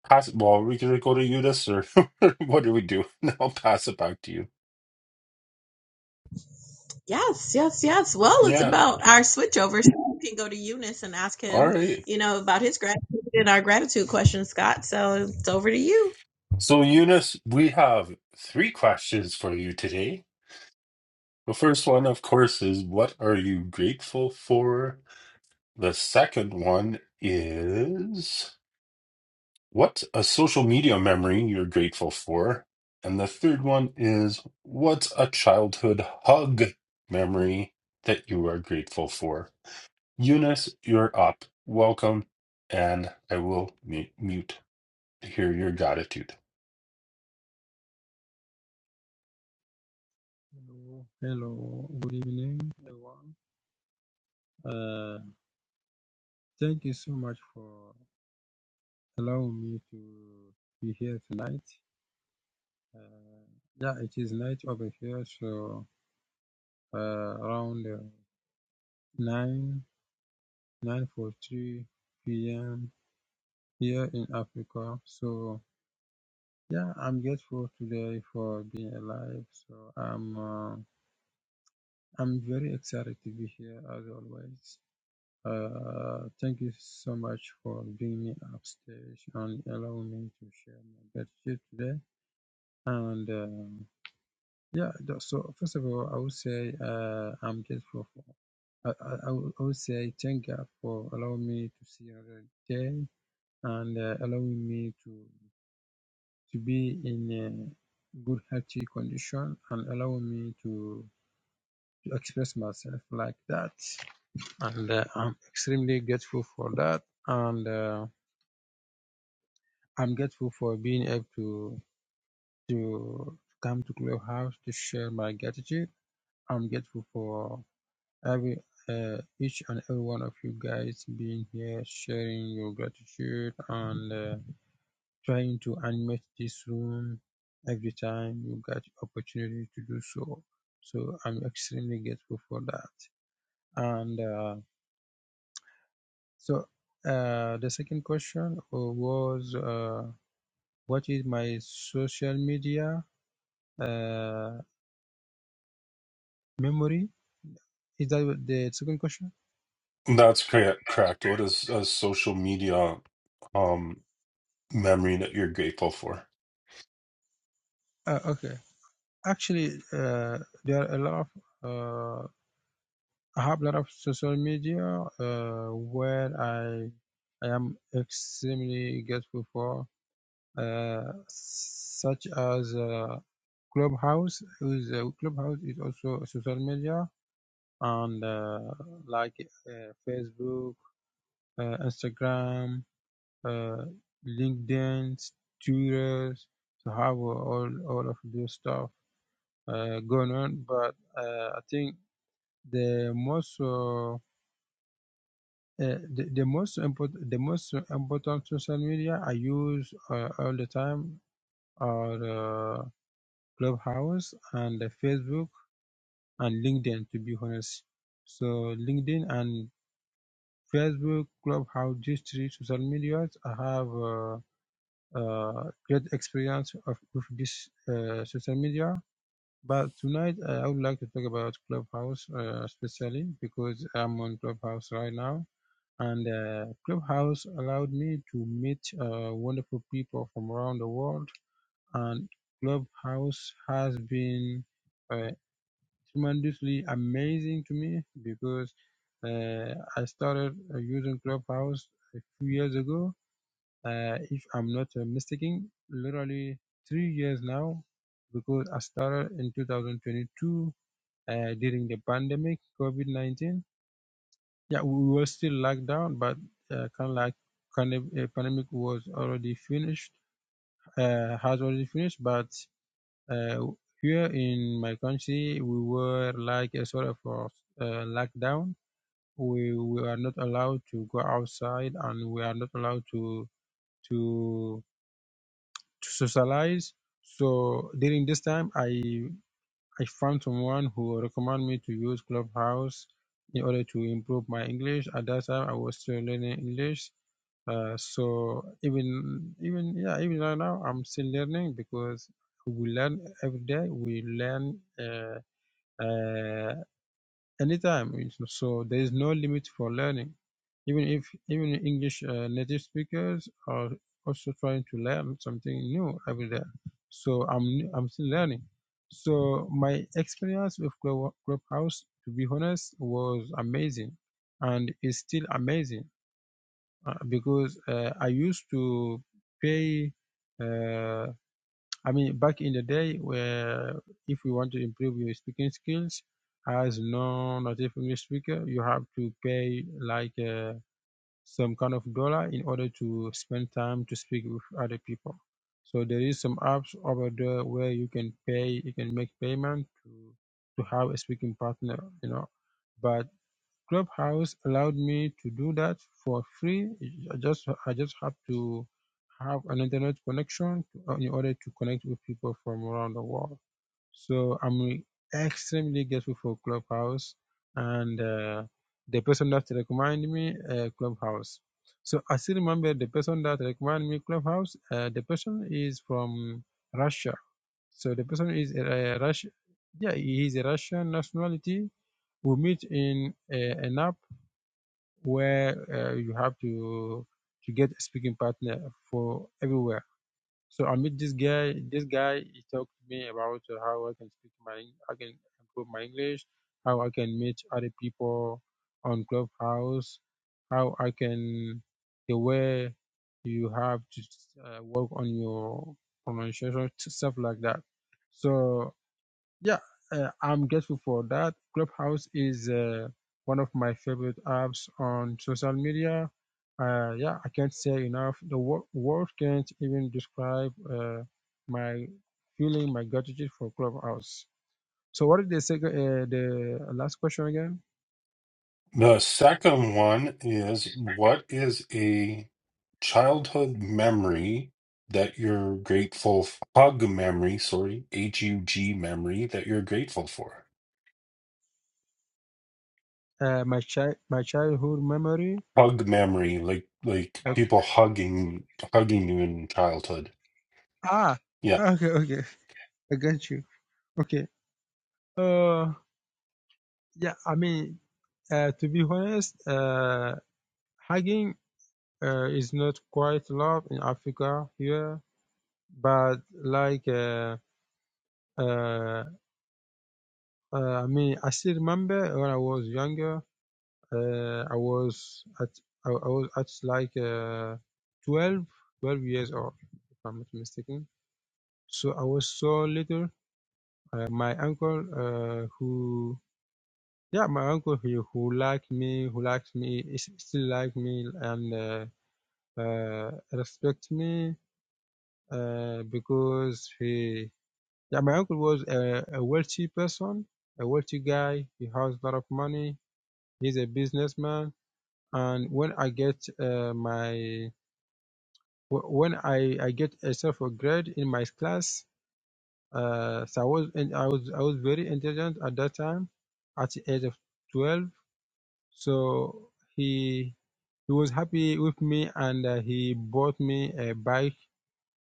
pass it. Well, we can go to you, this or what do we do? I'll pass it back to you. Yes, yes, yes. Well, it's Yeah. about our switchovers. You can ask All him, right. you know, gratitude. So, Eunice, we have three questions for you today. The first one, of course, is what are you grateful for? The second one is. What a social media memory you're grateful for? And the third one is what's a childhood hug memory that you are grateful for? Eunice, you're up. Welcome, and I will mu- mute to hear your gratitude. Hello, hello, good evening, everyone. Uh, thank you so much for allowing me to be here tonight. Uh, yeah, it is night over here, so uh, around uh, nine nine forty-three p.m. here in Africa. So yeah, I'm grateful today for being alive. So I'm uh, I'm very excited to be here as always. Uh, thank you so much for bringing me upstage and allowing me to share my gratitude today. And um yeah, th- so first of all, I would say uh, I'm grateful for. I, I, I would I would say thank God for allowing me to see another day and uh, allowing me to to be in a good healthy condition and allowing me to, to express myself like that. And uh, I'm extremely grateful for that. And uh, I'm grateful for being able to to come to Clubhouse to share my gratitude. I'm grateful for every uh, each and every one of you guys being here, sharing your gratitude and uh, trying to animate this room every time you get opportunity to do so. So I'm extremely grateful for that. And uh, so uh, the second question was, uh, what is my social media? Uh, Memory? Is that what the second question? That's correct. Correct. What is a social media um memory that you're grateful for? Uh, okay. Actually, uh, there are a lot of uh, I have a lot of social media uh, where I I am extremely grateful for, uh, such as uh, Clubhouse. Who's, uh, Clubhouse is also social media and uh, like uh, Facebook, uh, Instagram. uh, LinkedIn, Twitter, to have all all of this stuff uh, going on. But uh, I think the most uh, uh, the, the most important the most important social media I use uh, all the time are uh, Clubhouse and the Facebook and LinkedIn to be honest. So LinkedIn and Facebook, Clubhouse, these three social medias I have. Uh, uh, great experience of with this uh, social media. But tonight uh, I would like to talk about Clubhouse, uh, especially because I'm on Clubhouse right now, and uh, Clubhouse allowed me to meet uh, wonderful people from around the world, and Clubhouse has been uh, tremendously amazing to me because uh, I started uh, using Clubhouse a few years ago, uh, if I'm not uh, mistaken, literally three years now, because I started in 2022 uh, during the pandemic, COVID 19. Yeah, we were still locked down, but uh, kind of like kind of, uh, pandemic was already finished, uh, has already finished. But uh, here in my country, we were like a sort of uh, lockdown. We, we are not allowed to go outside and we are not allowed to to to socialize. So during this time, I I found someone who recommended me to use Clubhouse in order to improve my English. At that time, I was still learning English. Uh, so even even yeah even right now I'm still learning because we learn every day. We learn uh, uh, anytime. So there is no limit for learning. Even if even English uh, native speakers are also trying to learn something new every day. So I'm I'm still learning. So my experience with Club- Clubhouse, to be honest, was amazing, and is still amazing uh, because uh, I used to pay. Uh, I mean, back in the day, where if you want to improve your speaking skills as non-native English speaker, you have to pay like uh, some kind of dollar in order to spend time to speak with other people. So there is some apps over there where you can pay, you can make payment to to have a speaking partner, you know. But Clubhouse allowed me to do that for free. I just I just have to have an internet connection to, uh, in order to connect with people from around the world. So I'm extremely grateful for Clubhouse and uh, the person that recommended me uh, Clubhouse. So I still remember the person that recommended me Clubhouse. Uh, the person is from Russia. So the person is a, a Russian. Yeah, he is a Russian nationality. We meet in a, an app where uh, you have to to get a speaking partner for everywhere. So I meet this guy. This guy he talked to me about uh, how I can speak my I can improve my English, how I can meet other people on Clubhouse, how I can the way you have to uh, work on your pronunciation stuff like that. So yeah, uh, I'm grateful for that. Clubhouse is uh, one of my favorite apps on social media. Uh, yeah, I can't say enough. The word word can't even describe uh, my feeling, my gratitude for Clubhouse. So, what is the second, uh, the last question again? The second one is what is a childhood memory that you're grateful f- hug memory, sorry, H U G memory that you're grateful for? Uh, my child, my childhood memory. Hug memory, like like Okay. people hugging hugging you in childhood. Ah, Yeah. okay, okay. I got you. Okay. Uh, yeah. I mean, uh, to be honest, uh, hugging uh, is not quite loved in Africa here, but like uh, uh, uh, I mean, I still remember when I was younger. Uh, I was at I, I was at like uh, 12, 12 years old, if I'm not mistaken. So I was so little. Uh, my uncle, uh, who yeah, my uncle who who liked me, who likes me, is still like me and uh, uh, respect me uh, because he Yeah, my uncle was a, a wealthy person, a wealthy guy. He has a lot of money. He's a businessman. And when I get uh, my when I, I get a a grade in my class, uh, so I was and I was I was very intelligent at that time, at the age of twelve. So he he was happy with me and uh, he bought me a bike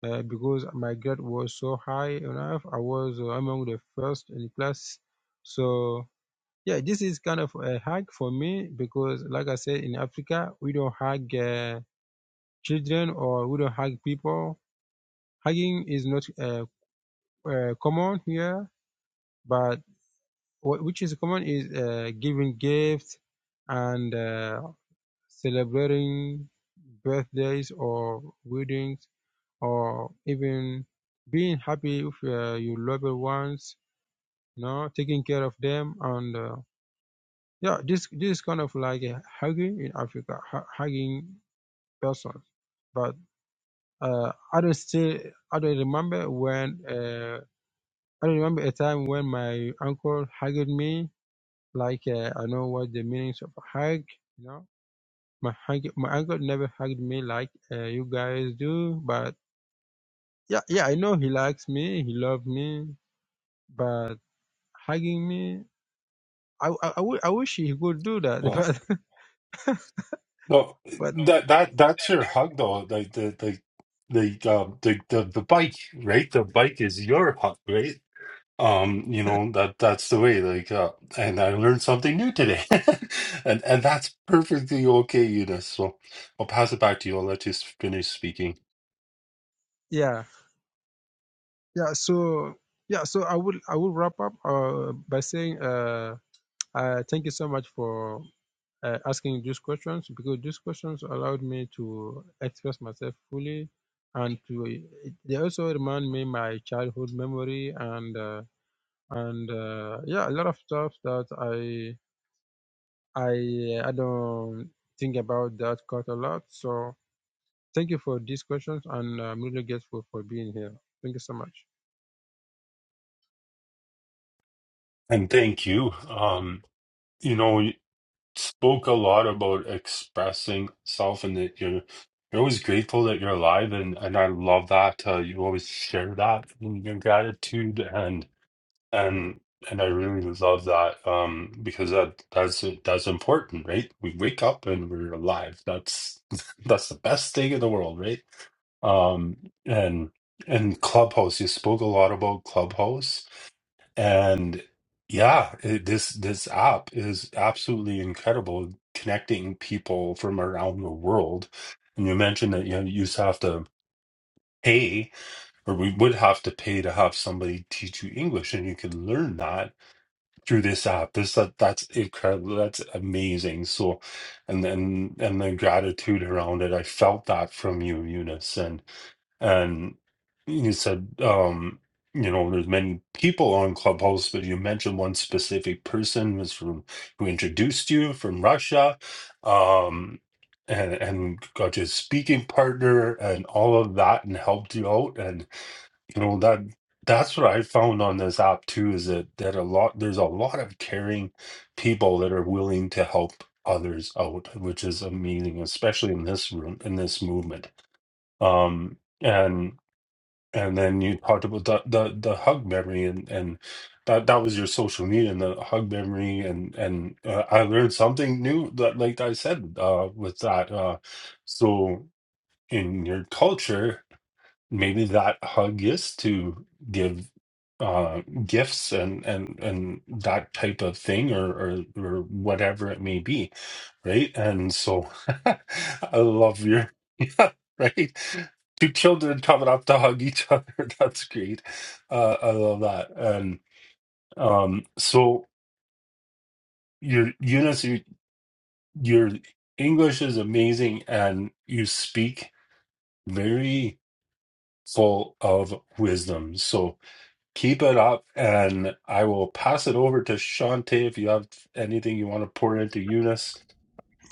uh, because my grade was so high enough. I was uh, among the first in class. So Yeah, this is kind of a hug for me because, like I said, in Africa, we don't hug uh, children or we don't hug people. Hugging is not uh, uh, common here, but what which is common is uh, giving gifts and uh, celebrating birthdays or weddings or even being happy with uh, your loved ones, you know, taking care of them and uh, Yeah, this this is kind of like a hugging in Africa, hu- hugging persons. But uh, I don't still I don't remember when uh, I don't remember a time when my uncle hugged me. Like uh, I know what the meanings of hug. You know, my hug, my uncle never hugged me like uh, you guys do. But yeah, yeah, I know he likes me, he loved me, but hugging me, I I, I, w- I wish he could do that, Well, but no, but that that that's your hug though. Like the the the um the, the the bike, right? The bike is your hug, right? um you know that that's the way like uh, and i learned something new today and and that's perfectly okay eunice so i'll pass it back to you i'll let you s- finish speaking yeah. yeah so yeah so i will i will wrap up uh, by saying uh, uh thank you so much for uh, asking these questions because these questions allowed me to express myself fully and to they also remind me my childhood memory and uh, and uh, yeah a lot of stuff that i i i don't think about that quite a lot so thank you for these questions and uh, i'm really grateful for being here thank you so much and thank you um you know you spoke a lot about expressing self and that you're you're always grateful that you're alive and and i love that uh, you always share that in your gratitude and. And and I really love that um, because that that's that's important, right? We wake up and we're alive. That's that's the best thing in the world, right? Um, and and Clubhouse, you spoke a lot about Clubhouse, and yeah, it, this this app is absolutely incredible, connecting people from around the world. And you mentioned that you know, you just have to pay, or we would have to pay to have somebody teach you English, and you can learn that through this app. This that that's incredible. That's amazing. So, and then and the gratitude around it. I felt that from you, Eunice, and and you said, um, you know, there's many people on Clubhouse, but you mentioned one specific person was from who introduced you from Russia, um. And, and got your speaking partner and all of that and helped you out and. You know that that's what I found on this app too is that that a lot there's a lot of caring people that are willing to help others out, which is amazing, especially in this room in this movement. Um, and and then you talked about the the, the hug memory and and that that was your social media and the hug memory and and uh, I learned something new that like I said uh, with that. Uh, so in your culture maybe that hug is to give uh gifts and and and that type of thing or or, or whatever it may be right and so i love your yeah right two children coming up to hug each other that's great uh i love that and um so your Eunice your, your english is amazing and you speak very full of wisdom so Keep it up, and I will pass it over to Shante if you have anything you want to pour into Eunice.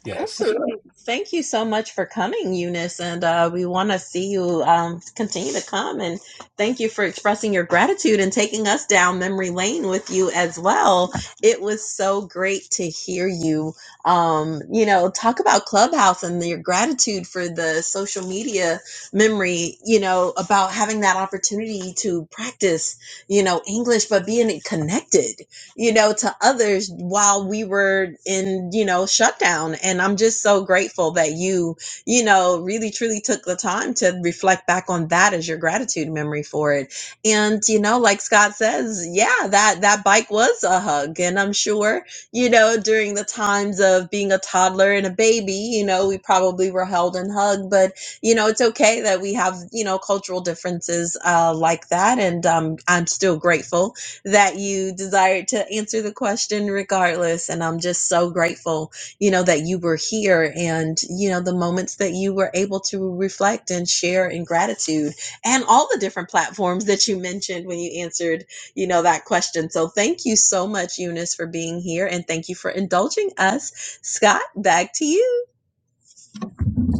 Yes. Thank you so much for coming, Eunice, and uh, we want to see you um, continue to come. And thank you for expressing your gratitude and taking us down memory lane with you as well. It was so great to hear you. Um, you know, talk about Clubhouse and your gratitude for the social media memory. You know, about having that opportunity to practice, you know, English, but being connected you know, to others while we were in, you know, shutdown. And I'm just so grateful that you, you know, really truly took the time to reflect back on that as your gratitude memory for it. And, you know, like Scott says, yeah, that, that bike was a hug. And I'm sure, you know, during the times of being a toddler and a baby, you know, we probably were held and hugged, but you know, it's okay that we have, you know, cultural differences, uh, like that. And, um, I'm still grateful that you desired to answer the question regardless. And I'm just so grateful, you know, that you were here and, you know, the moments that you were able to reflect and share in gratitude and all the different platforms that you mentioned when you answered, you know, that question. So thank you so much, Eunice, for being here. And thank you for indulging us. Scott, back to you.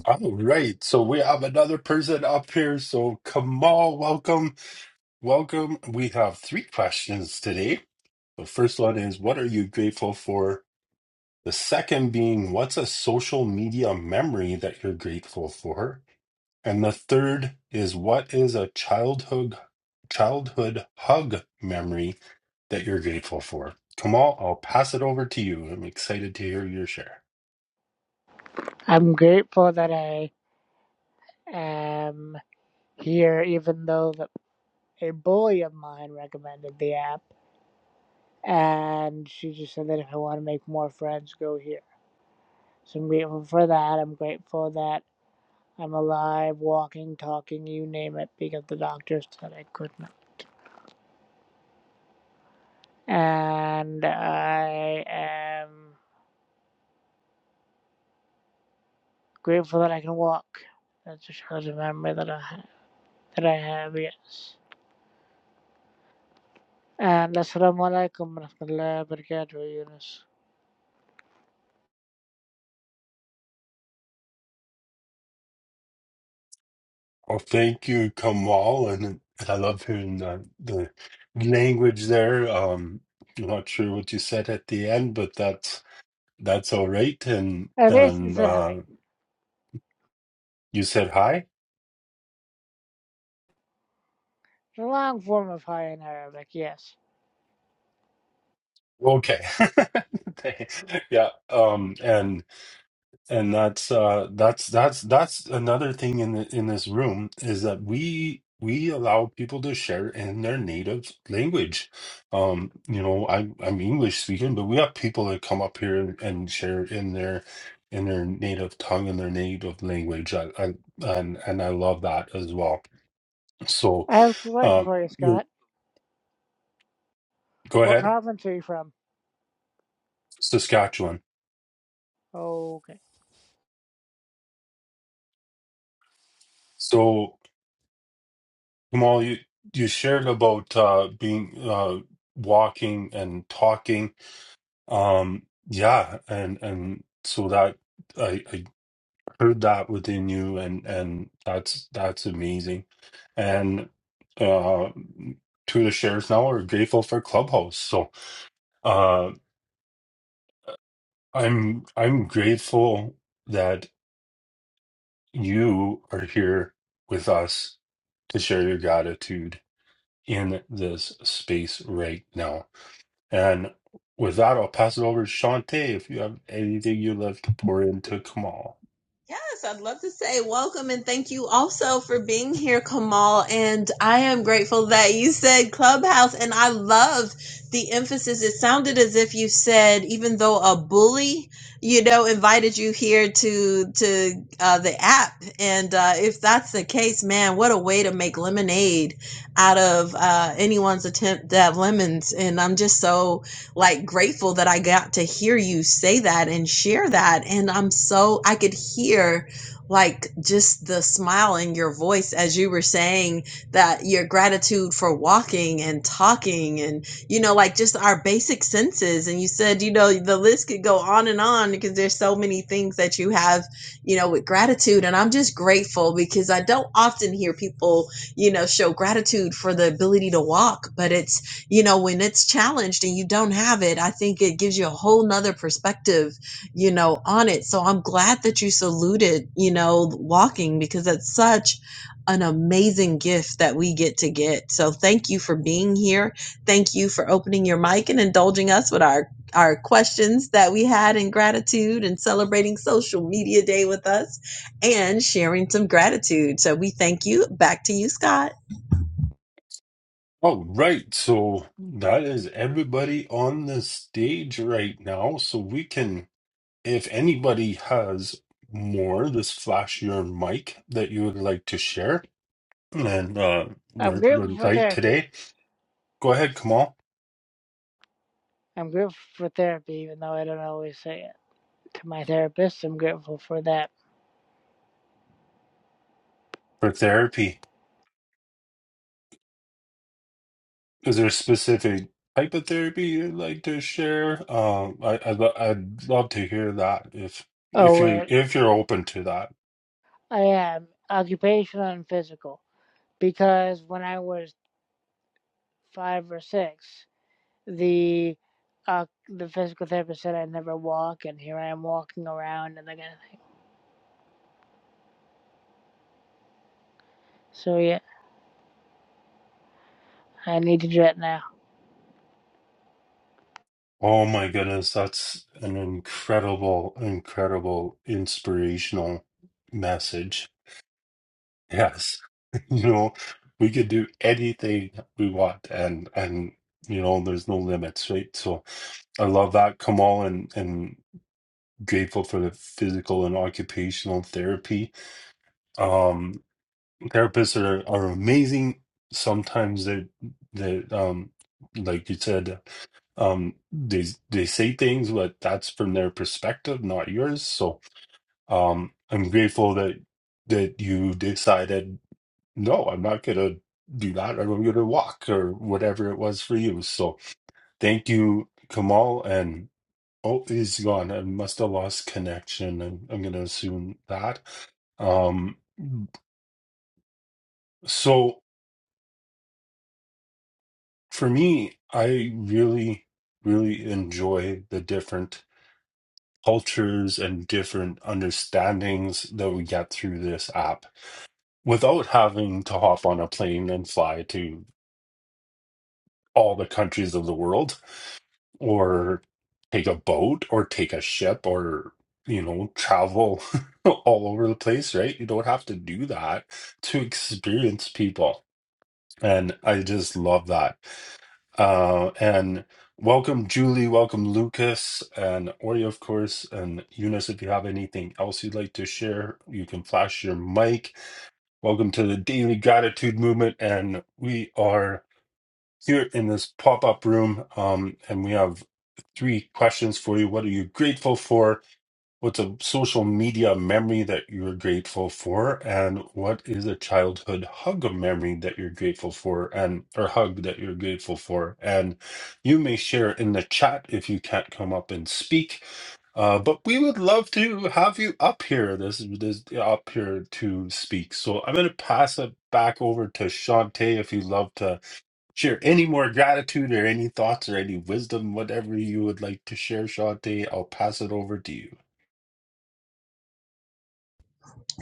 All right. So we have another person up here. So Kamal, welcome. Welcome. We have three questions today. The first one is What are you grateful for? The second being What's a social media memory that you're grateful for? And the third is What is a childhood childhood hug memory that you're grateful for. Kamal, I'll pass it over to you. I'm excited to hear your share. I'm grateful that I am here, even though the, a bully of mine recommended the app, and she just said that if I want to make more friends, go here. So I'm grateful for that. I'm grateful that I'm alive, walking, talking, you name it, because the doctor said I couldn't. And I am grateful that I can walk. That's just a memory that I that I have. Yes. And السلام عليكم ورحمة الله وبركاته يونس Oh, thank you, Kamal, and, and I love hearing the, the language there. Um, I'm not sure what you said at the end, but that's that's all right. And Abbas is and in uh, high, you said hi. the long form of high in Arabic, yes. Okay. yeah. Um. And and that's uh that's that's that's another thing in the, in this room is that we we allow people to share in their native language um you know i i'm english speaking but we have people that come up here and, and share in their in their native tongue and their native language I, I and and i love that as well so I have a question um for you, you Scott. go What ahead province are you from? saskatchewan Okay. so kamal you you shared about uh being uh walking and talking Um, yeah, and and so that I I heard that within you, and and that's that's amazing. And uh, to the shares now are grateful for Clubhouse. So uh, I'm I'm grateful that you are here with us to share your gratitude in this space right now. And with that, I'll pass it over to Shantae if you have anything you'd like to pour into Kamal. Yes, I'd love to say welcome and thank you also for being here, Kamal. And I am grateful that you said Clubhouse, and I love the emphasis. It sounded as if you said, even though a bully, you know, invited you here to to uh, the app, and uh, if that's the case, man, what a way to make lemonade out of uh, anyone's attempt to have lemons. And I'm just so like grateful that I got to hear you say that and share that. And I'm so, I could hear like just the smile in your voice as you were saying that your gratitude for walking and talking and, you know, like just our basic senses. And you said, you know, the list could go on and on because there's so many things that you have, you know, with gratitude. And I'm just grateful because I don't often hear people, you know, show gratitude for the ability to walk, but it's, you know when it's challenged and you don't have it i think it gives you a whole nother perspective you know on it so i'm glad that you saluted you know walking because it's such an amazing gift that we get to get so thank you for being here thank you for opening your mic and indulging us with our our questions that we had in gratitude and celebrating social media day with us and sharing some gratitude so we thank you back to you scott All right, so that is everybody on the stage right now. So we can, if anybody has more, this flash your mic that you would like to share and uh, I'm we're, grateful we're for light therapy. today. Go ahead, Kamal, I'm grateful for therapy, even though I don't always say it to my therapist. I'm grateful for that. for therapy. Is there a specific type of therapy you'd like to share? Um, I, I'd, lo- I'd love to hear that if Oh, if you where if you're open to that. I am, occupational and physical. Because when I was five or six, the uh, the physical therapist said I'd never walk, and here I am walking around and that kind of thing. So, yeah, I need to do it now. Oh my goodness, that's an incredible, incredible inspirational message. Yes. You know, we could do anything we want and and you know, there's no limits, right? So I love that, Kamal, and and grateful for the physical and occupational therapy. Um therapists are are amazing. Sometimes they they um like you said um they they say things but that's from their perspective not yours so um i'm grateful that that you decided no i'm not gonna do that i'm gonna walk or whatever it was for you so thank you kamal and oh he's gone i must have lost connection i'm, I'm gonna assume that um so for me i really really enjoy the different cultures and different understandings that we get through this app without having to hop on a plane and fly to all the countries of the world or take a boat or take a ship or you know travel all over the place right you don't have to do that to experience people and i just love that Uh, and welcome, Julie. Welcome, Lucas, and Ori, of course. And Eunice, if you have anything else you'd like to share, you can flash your mic. Welcome to the Daily Gratitude Movement. And we are here in this pop up room, um, and we have three questions for you. What are you grateful for? What's a social media memory that you're grateful for? And what is a childhood hug memory that you're grateful for and or hug that you're grateful for? And you may share in the chat if you can't come up and speak. Uh, but we would love to have you up here. This is this up here to speak. So I'm gonna pass it back over to Shantae if you'd love to share any more gratitude or any thoughts or any wisdom, whatever you would like to share, Shantae. I'll pass it over to you.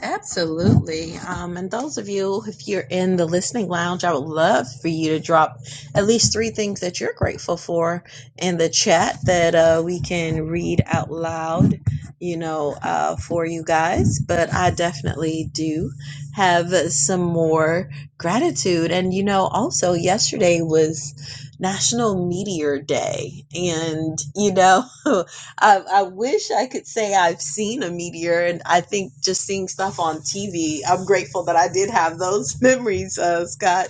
Absolutely. Um, and those of you, if you're in the listening lounge, I would love for you to drop at least three things that you're grateful for in the chat that uh, we can read out loud, you know, uh, for you guys. But I definitely do have some more gratitude. And, you know, also yesterday was National Meteor Day. And, you know, I, I wish I could say I've seen a meteor, and I think just seeing stuff on TV, I'm grateful that I did have those memories, uh, Scott.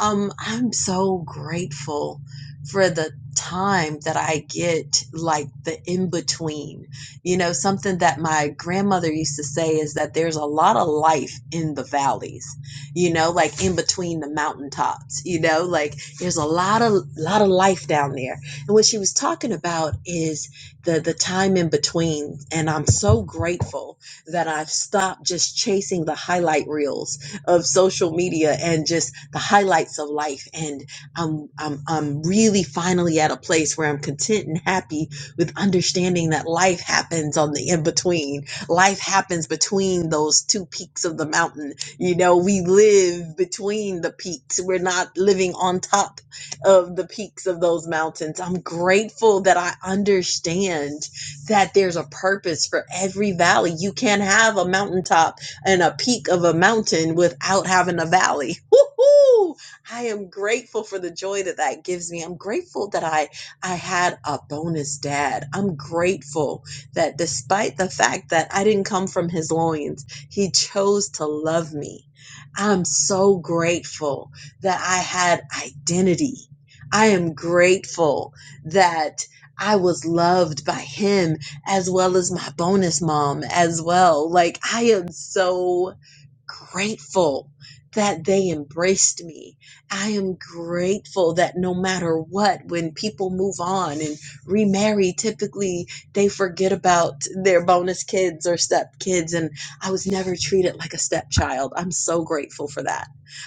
Um, I'm so grateful for the time that I get, like the in between. You know, something that my grandmother used to say is that there's a lot of life in the valleys. You know, like in between the mountaintops. You know, like there's a lot of lot of life down there. And what she was talking about is the the time in between and i'm so grateful that i've stopped just chasing the highlight reels of social media and just the highlights of life and i'm i'm i'm really finally at a place where i'm content and happy with understanding that life happens on the in between life happens between those two peaks of the mountain you know we live between the peaks we're not living on top of the peaks of those mountains. I'm grateful that I understand that there's a purpose for every valley. You can't have a mountaintop and a peak of a mountain without having a valley. Woohoo! I am grateful for the joy that that gives me. I'm grateful that I I had a bonus dad. I'm grateful that despite the fact that I didn't come from his loins, he chose to love me. I'm so grateful that I had identity. I am grateful that I was loved by him as well as my bonus mom as well. Like I am so grateful that they embraced me. I am grateful that no matter what, when people move on and remarry, typically they forget about their bonus kids or step kids. And I was never treated like a stepchild. I'm so grateful for that.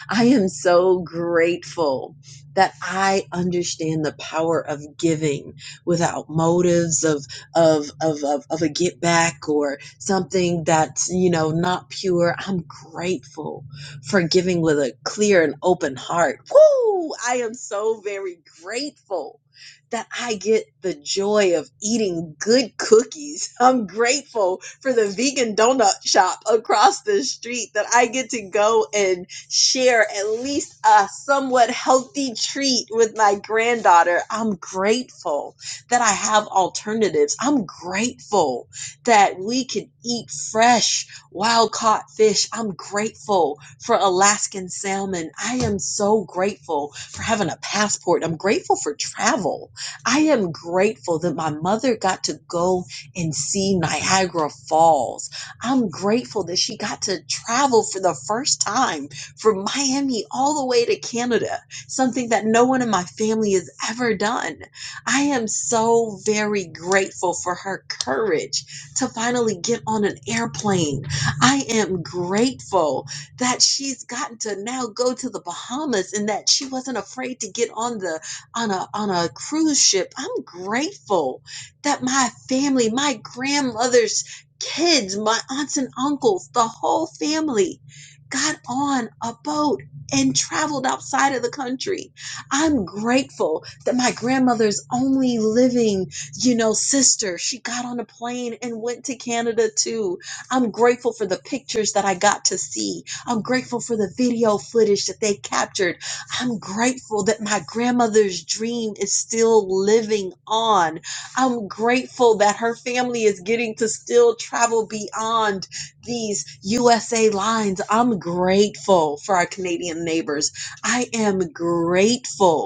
I am so grateful that I understand the power of giving without motives of of of of, of a get back or something that's you know not pure i'm grateful for giving with a clear and open heart Woo! i am so very grateful that I get the joy of eating good cookies. I'm grateful for the vegan donut shop across the street that I get to go and share at least a somewhat healthy treat with my granddaughter. I'm grateful that I have alternatives. I'm grateful that we can eat fresh, wild caught fish. I'm grateful for Alaskan salmon. I am so grateful for having a passport. I'm grateful for travel. I am grateful that my mother got to go and see Niagara Falls. I'm grateful that she got to travel for the first time from Miami all the way to Canada, something that no one in my family has ever done. I am so very grateful for her courage to finally get on an airplane. I am grateful that she's gotten to now go to the Bahamas and that she wasn't afraid to get on the on a on a cruise ship. I'm grateful that my family, my grandmother's kids, my aunts and uncles, the whole family got on a boat and traveled outside of the country. I'm grateful that my grandmother's only living, you know, sister, she got on a plane and went to Canada too. I'm grateful for the pictures that I got to see. I'm grateful for the video footage that they captured. I'm grateful that my grandmother's dream is still living on. I'm grateful that her family is getting to still travel beyond these USA lines. I'm grateful for our Canadian neighbors. I am grateful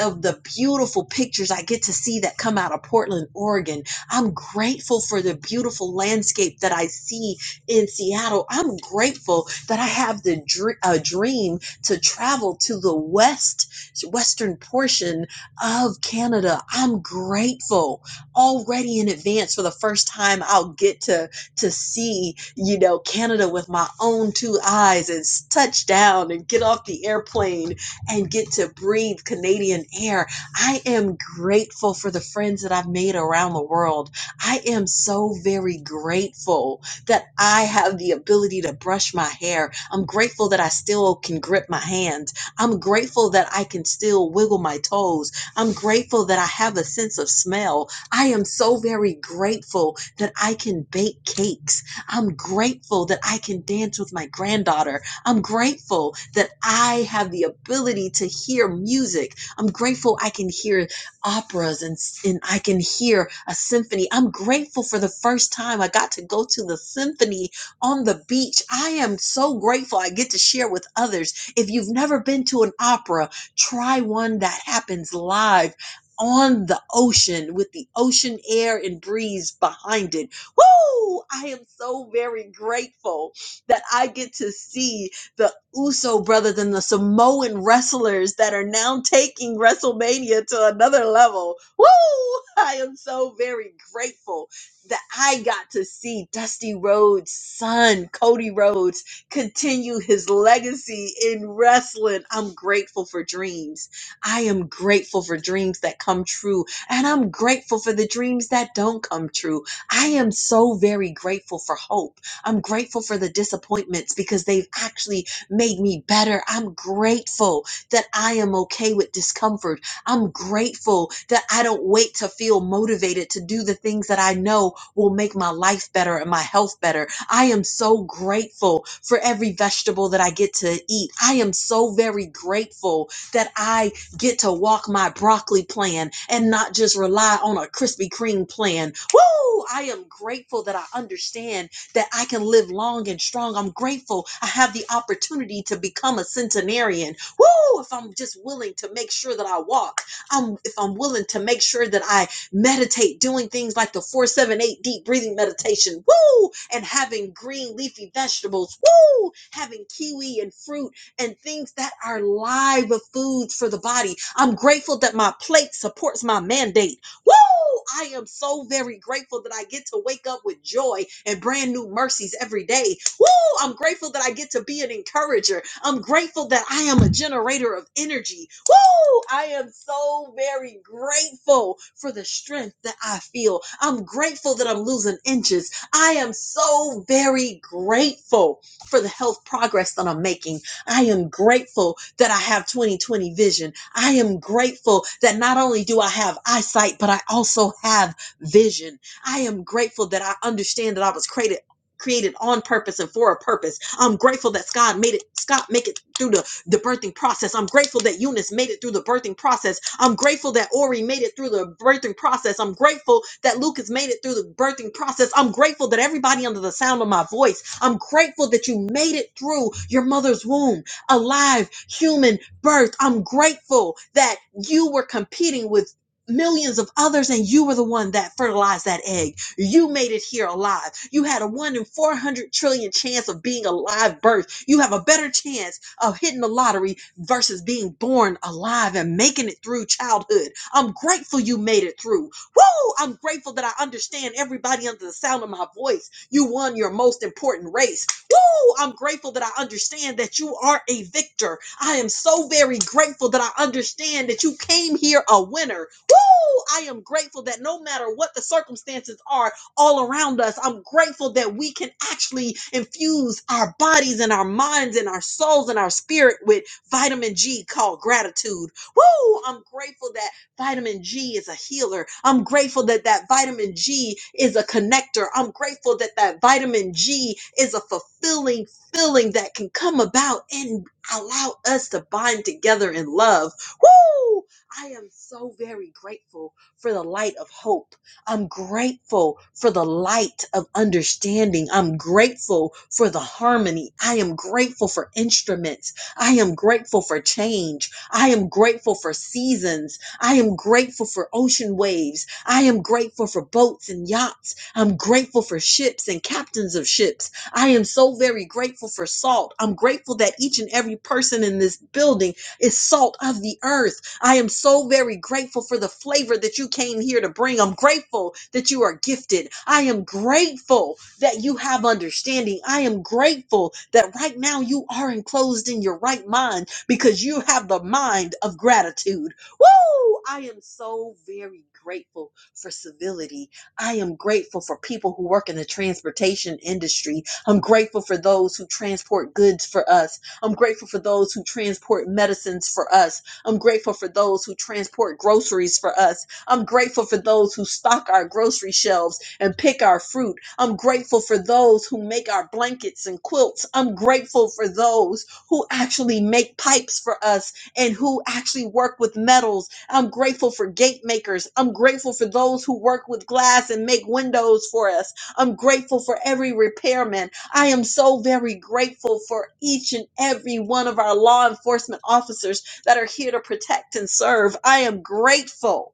of the beautiful pictures I get to see that come out of Portland, Oregon. I'm grateful for the beautiful landscape that I see in Seattle. I'm grateful that I have the dr- uh, dream to travel to the west western portion of Canada. I'm grateful already in advance for the first time I'll get to to see, you know, Canada with my own two eyes and s- touch down and get off the airplane and get to breathe Canadian air. I am grateful for the friends that I've made around the world. I am so very grateful that I have the ability to brush my hair. I'm grateful that I still can grip my hands. I'm grateful that I can still wiggle my toes. I'm grateful that I have a sense of smell. I am so very grateful that I can bake cakes. I'm grateful that I can dance with my granddaughter. I'm grateful that I have the ability to hear music. I'm grateful I can hear operas and, and I can hear a symphony. I'm grateful for the first time I got to go to the symphony on the beach. I am so grateful I get to share with others. If you've never been to an opera, try one that happens live. On the ocean with the ocean air and breeze behind it. Woo! I am so very grateful that I get to see the Uso brothers and the Samoan wrestlers that are now taking WrestleMania to another level. Woo! I am so very grateful that I got to see Dusty Rhodes' son, Cody Rhodes, continue his legacy in wrestling. I'm grateful for dreams. I am grateful for dreams that come true, and I'm grateful for the dreams that don't come true. I am so very grateful for hope. I'm grateful for the disappointments because they've actually made me better. I'm grateful that I am okay with discomfort. I'm grateful that I don't wait to feel motivated to do the things that I know will make my life better and my health better. I am so grateful for every vegetable that I get to eat. I am so very grateful that I get to walk my broccoli plan and not just rely on a Krispy Kreme plan. Woo! I am grateful that I understand that I can live long and strong. I'm grateful I have the opportunity to become a centenarian. Woo! If I'm just willing to make sure that I walk, I'm if I'm willing to make sure that I meditate, doing things like the 478 deep breathing meditation, woo! And having green leafy vegetables, woo! Having kiwi and fruit and things that are live foods for the body. I'm grateful that my plate supports my mandate. Woo! I am so very grateful that I get to wake up with joy and brand new mercies every day. Woo! I'm grateful that I get to be an encourager. I'm grateful that I am a generator of energy. Woo! I am so very grateful for the strength that I feel. I'm grateful that I'm losing inches. I am so very grateful for the health progress that I'm making. I am grateful that I have 2020 vision. I am grateful that not only do I have eyesight, but I also have vision. I am grateful that I understand that I was created created on purpose and for a purpose. I'm grateful that God made it Scott make it through the the birthing process. I'm grateful that Eunice made it through the birthing process. I'm grateful that Ori made it through the birthing process. I'm grateful that Lucas made it through the birthing process. I'm grateful that everybody under the sound of my voice, I'm grateful that you made it through your mother's womb, alive, human birth. I'm grateful that you were competing with millions of others and you were the one that fertilized that egg. You made it here alive. You had a 1 in 400 trillion chance of being a live birth. You have a better chance of hitting the lottery versus being born alive and making it through childhood. I'm grateful you made it through. Woo! I'm grateful that I understand everybody under the sound of my voice. You won your most important race. Woo! I'm grateful that I understand that you are a victor. I am so very grateful that I understand that you came here a winner. Woo! I am grateful that no matter what the circumstances are all around us, I'm grateful that we can actually infuse our bodies and our minds and our souls and our spirit with vitamin G called gratitude. Woo! I'm grateful that vitamin G is a healer. I'm grateful that that vitamin G is a connector. I'm grateful that that vitamin G is a fulfilling feeling that can come about in Allow us to bind together in love. Woo! I am so very grateful for the light of hope. I'm grateful for the light of understanding. I'm grateful for the harmony. I am grateful for instruments. I am grateful for change. I am grateful for seasons. I am grateful for ocean waves. I am grateful for boats and yachts. I'm grateful for ships and captains of ships. I am so very grateful for salt. I'm grateful that each and every person in this building is salt of the earth. I am so very grateful for the flavor that you came here to bring. I'm grateful that you are gifted. I am grateful that you have understanding. I am grateful that right now you are enclosed in your right mind because you have the mind of gratitude. Woo! I am so very grateful for civility. I am grateful for people who work in the transportation industry I'm grateful for those who transport goods for us. I'm grateful for those who transport medicines for us. I'm grateful for those who transport groceries for us. I'm grateful for those who stock our grocery shelves and pick our fruit. I'm grateful for those who make our blankets and quilts. I'm grateful for those who actually make pipes for us and who actually work with metals. I'm grateful for gate makers. I'm grateful for those who work with glass and make windows for us. I'm grateful for every repairman. I am so very grateful for each and every one of our law enforcement officers that are here to protect and serve. I am grateful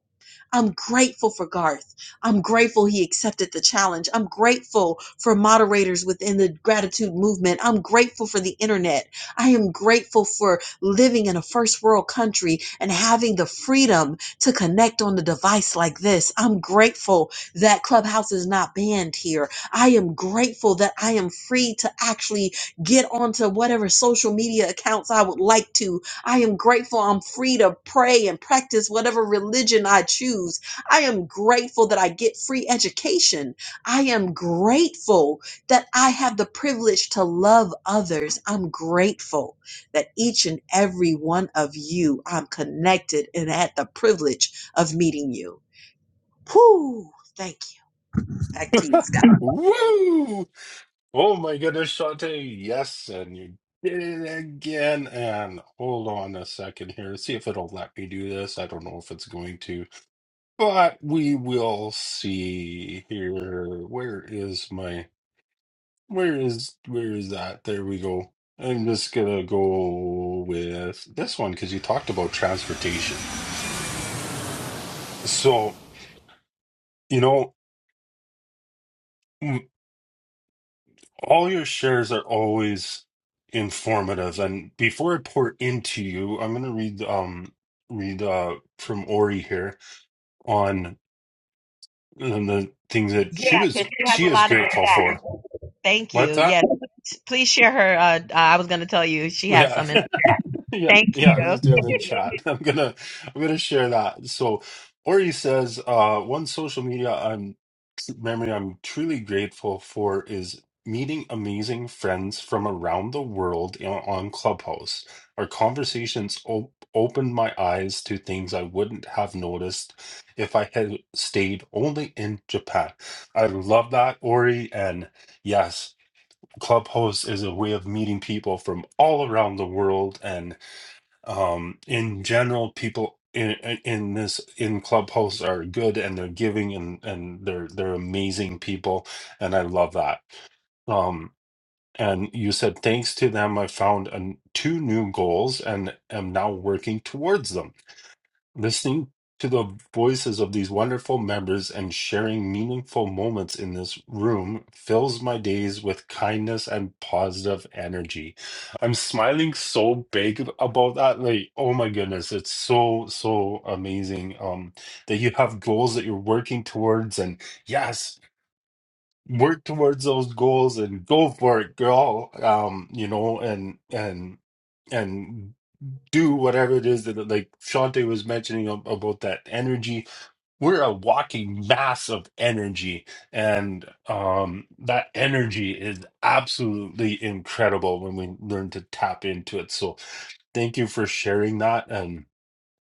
I'm grateful for Garth. I'm grateful he accepted the challenge. I'm grateful for moderators within the gratitude movement. I'm grateful for the internet. I am grateful for living in a first world country and having the freedom to connect on a device like this. I'm grateful that Clubhouse is not banned here. I am grateful that I am free to actually get onto whatever social media accounts I would like to I am grateful I'm free to pray and practice whatever religion I choose. I am grateful that I get free education. I am grateful that I have the privilege to love others. I'm grateful that each and every one of you, I'm connected and had the privilege of meeting you. Whoo! Thank you. Back to you, Scott. Woo! Oh my goodness, Shante. Yes, and you did it again. And hold on a second here. See if it'll let me do this. I don't know if it's going to, but we will see here. Where is my where is where is that? There we go. I'm just gonna go with this one because you talked about transportation. So, you know. All your shares are always informative. And before I pour into you, I'm going to read um read uh from Ori here on um, the things that Yeah, she because was she has she a is lot of the grateful for. facts. Thank you. What's that? Yes, please share her. Uh, uh, I was going to tell you she has Yeah. some. In- Yeah, Thank yeah, I you. was just doing it in chat. I'm gonna I'm gonna share that. So Ori says, uh, one social media I'm memory I'm truly grateful for is meeting amazing friends from around the world in- on Clubhouse. Our conversations op opened my eyes to things I wouldn't have noticed if I had stayed only in Japan. I love that, Ori, and yes, Clubhouse is a way of meeting people from all around the world and um in general people in in in this in clubhouse are good and they're giving and and they're they're amazing people and i love that um and you said thanks to them i found an, two new goals and am now working towards them Listening to the voices of these wonderful members and sharing meaningful moments in this room fills my days with kindness and positive energy. I'm smiling so big about that. Like, oh my goodness, it's so, so amazing um, that you have goals that you're working towards. And yes, work towards those goals and go for it, girl. Um, you know, and, and, and do whatever it is that like Shante was mentioning ab- about that energy. We're a walking mass of energy, and um, that energy is absolutely incredible when we learn to tap into it. So, thank you for sharing that and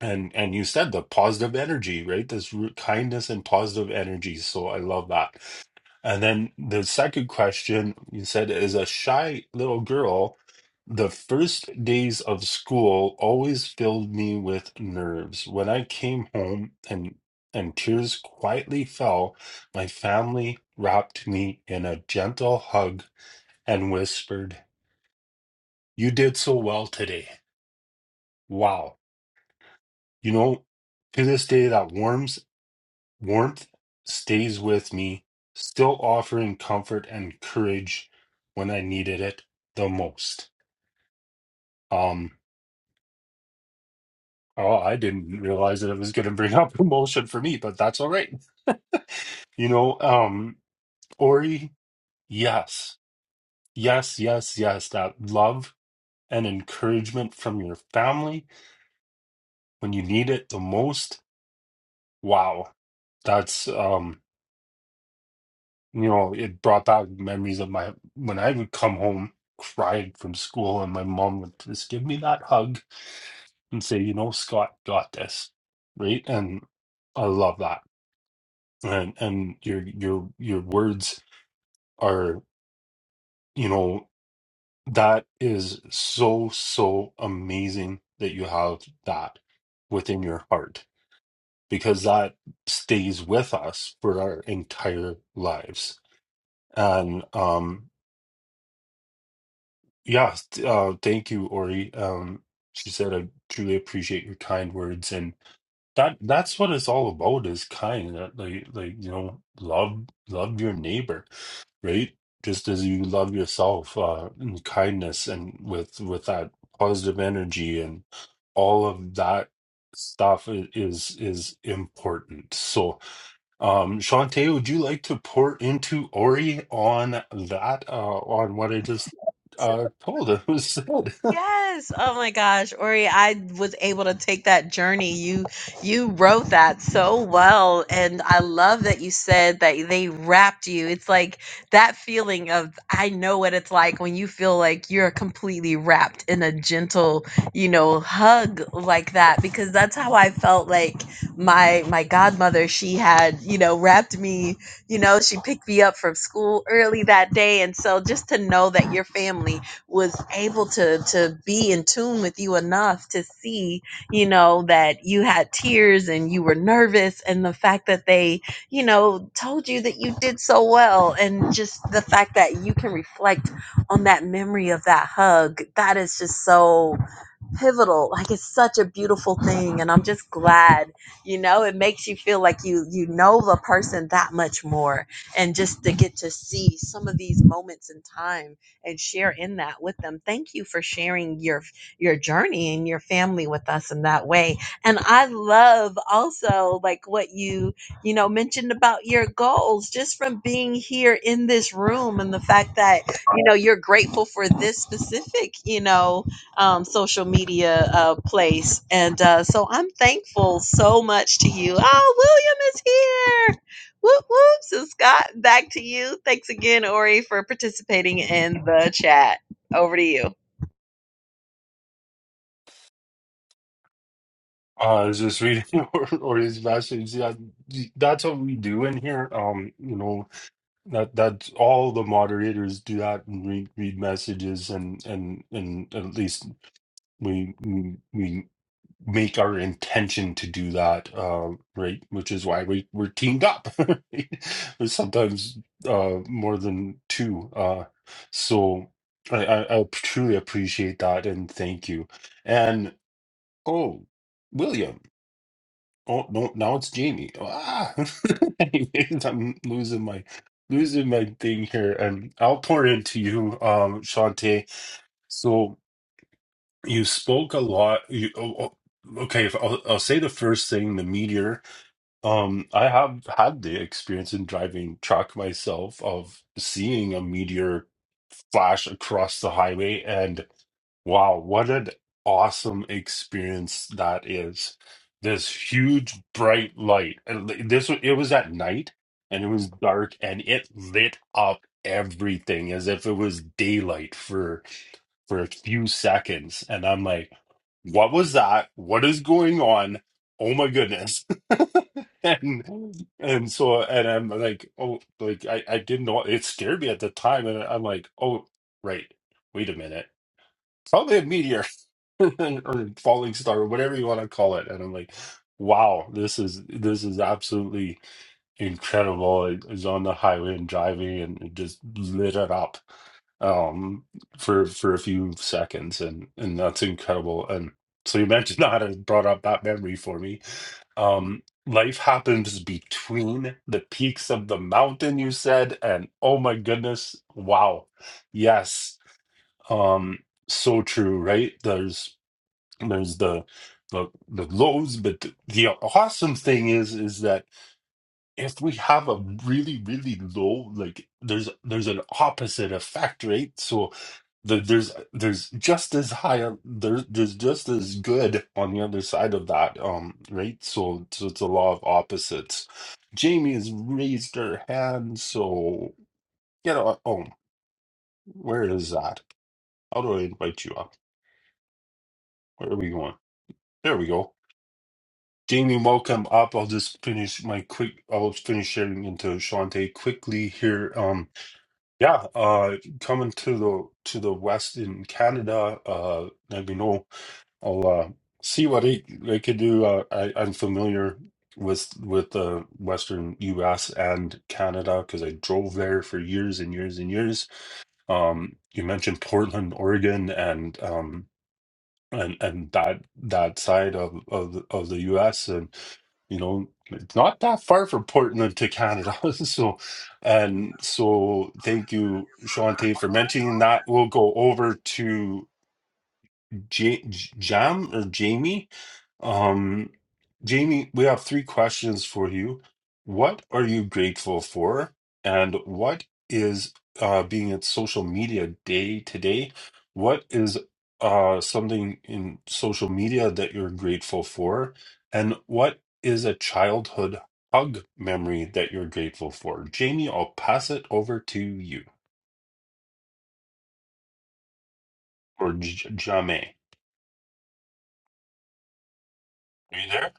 and and you said the positive energy right this root kindness and positive energy so i love that and then the second question you said is a shy little girl. The first days of school always filled me with nerves. When I came home and and tears quietly fell, my family wrapped me in a gentle hug and whispered, "You did so well today. Wow." You know, to this day that warms Warmth stays with me, still offering comfort and courage when I needed it the most. Um, oh, I didn't realize that it was going to bring up emotion for me, but that's all right. You know, um, Ori, yes, yes, yes, yes, that love and encouragement from your family when you need it the most. Wow, that's um You know, it brought back memories of my when I would come home crying from school, and my mom would just give me that hug and say, "You know, Scott got this," right? And I love that. And and your your your words are, you know, that is so so amazing that you have that within your heart because that stays with us for our entire lives. And um Yeah, th- uh, thank you, Ori. Um, she said, I truly appreciate your kind words, and that that's what it's all about is kind. That like like you know, love love your neighbor, right? Just as you love yourself, uh, and kindness, and with with that positive energy and all of that stuff i- is is important. So um, Shantae, would you like to pour into Ori on that, uh, on what I just uh told him was said? Uh, Yes. Oh my gosh, Ori, I was able to take that journey. You you wrote that so well and I love that you said that they wrapped you. It's like that feeling of I know what it's like when you feel like you're completely wrapped in a gentle, you know, hug like that because that's how I felt like my my godmother, she had, you know, wrapped me, you know, she picked me up from school early that day and so just to know that your family was able to to be in tune with you enough to see you know that you had tears and you were nervous and the fact that they you know told you that you did so well and just the fact that you can reflect on that memory of that hug that is just so pivotal like it's such a beautiful thing and i'm just glad you know it makes you feel like you you know the person that much more and just to get to see some of these moments in time and share in that with them. Thank you for sharing your your journey and your family with us in that way. And I love also like what you you know mentioned about your goals just from being here in this room and the fact that you know you're grateful for this specific you know um, social media uh, place. And uh, so I'm thankful so much to you. Oh, William is Whoop whoop. So Scott, back to you. Thanks again, Ori, for participating in the chat. Over to you. I was just reading Ori's message. Yeah, that's what we do in here. Um, you know, that that's all the moderators do that and read read messages and and and at least we we we make our intention to do that, um, right? Which is why we we're teamed up, right? There's sometimes uh, more than two. Uh, so I, I I truly appreciate that and thank you. And oh, William. Oh no, now it's Jamie. Ah, Anyways, I'm losing my losing my thing here, and I'll pour into you, um, Shantae. So you spoke a lot you oh, oh, okay if I'll, I'll say the first thing the meteor um i have had the experience in driving truck myself of seeing a meteor flash across the highway and wow what an awesome experience that is this huge bright light and li- this wa- it was at night and it was dark and it lit up everything as if it was daylight for for a few seconds and I'm like, what was that? What is going on? Oh my goodness. and and so and I'm like, oh like I, I didn't know it scared me at the time and I'm like, oh right, wait a minute. Probably a meteor or falling star or whatever you want to call it. And I'm like, wow, this is this is absolutely incredible. It was on the highway and driving and it just lit it up um for for a few seconds and and that's incredible and so you mentioned that and brought up that memory for me um life happens between the peaks of the mountain you said and oh my goodness wow yes um so true right there's there's the the, the lows but the awesome thing is is that if we have a really really low like there's there's an opposite effect right so the, there's there's just as high a- there's there's just as good on the other side of that um right so, so it's a law of opposites jamie has raised her hand so get on oh where is that how do i invite you up where are we going there we go Jamie, welcome up. I'll just finish my quick. I'll finish sharing into Shante quickly here. Um. Yeah, uh, coming to the to the West in Canada, uh, let me know. I'll uh, see what I, I could do. Uh, I, I'm familiar with with the Western U.S. and Canada because I drove there for years and years and years. Um, you mentioned Portland, Oregon, and um, and and that that side of of the- of the U.S you know, it's not that far from Portland to Canada. so, and so thank you, Shantae, for mentioning that. We'll go over to J- J- Jam or Jamie. Um, Jamie, we have three questions for you. What are you grateful for? And what is uh, being at social media day today? What is uh, something in social media that you're grateful for? And what is a childhood hug memory that you're grateful for? Jamie, I'll pass it over to you or J- Jame. Are you there?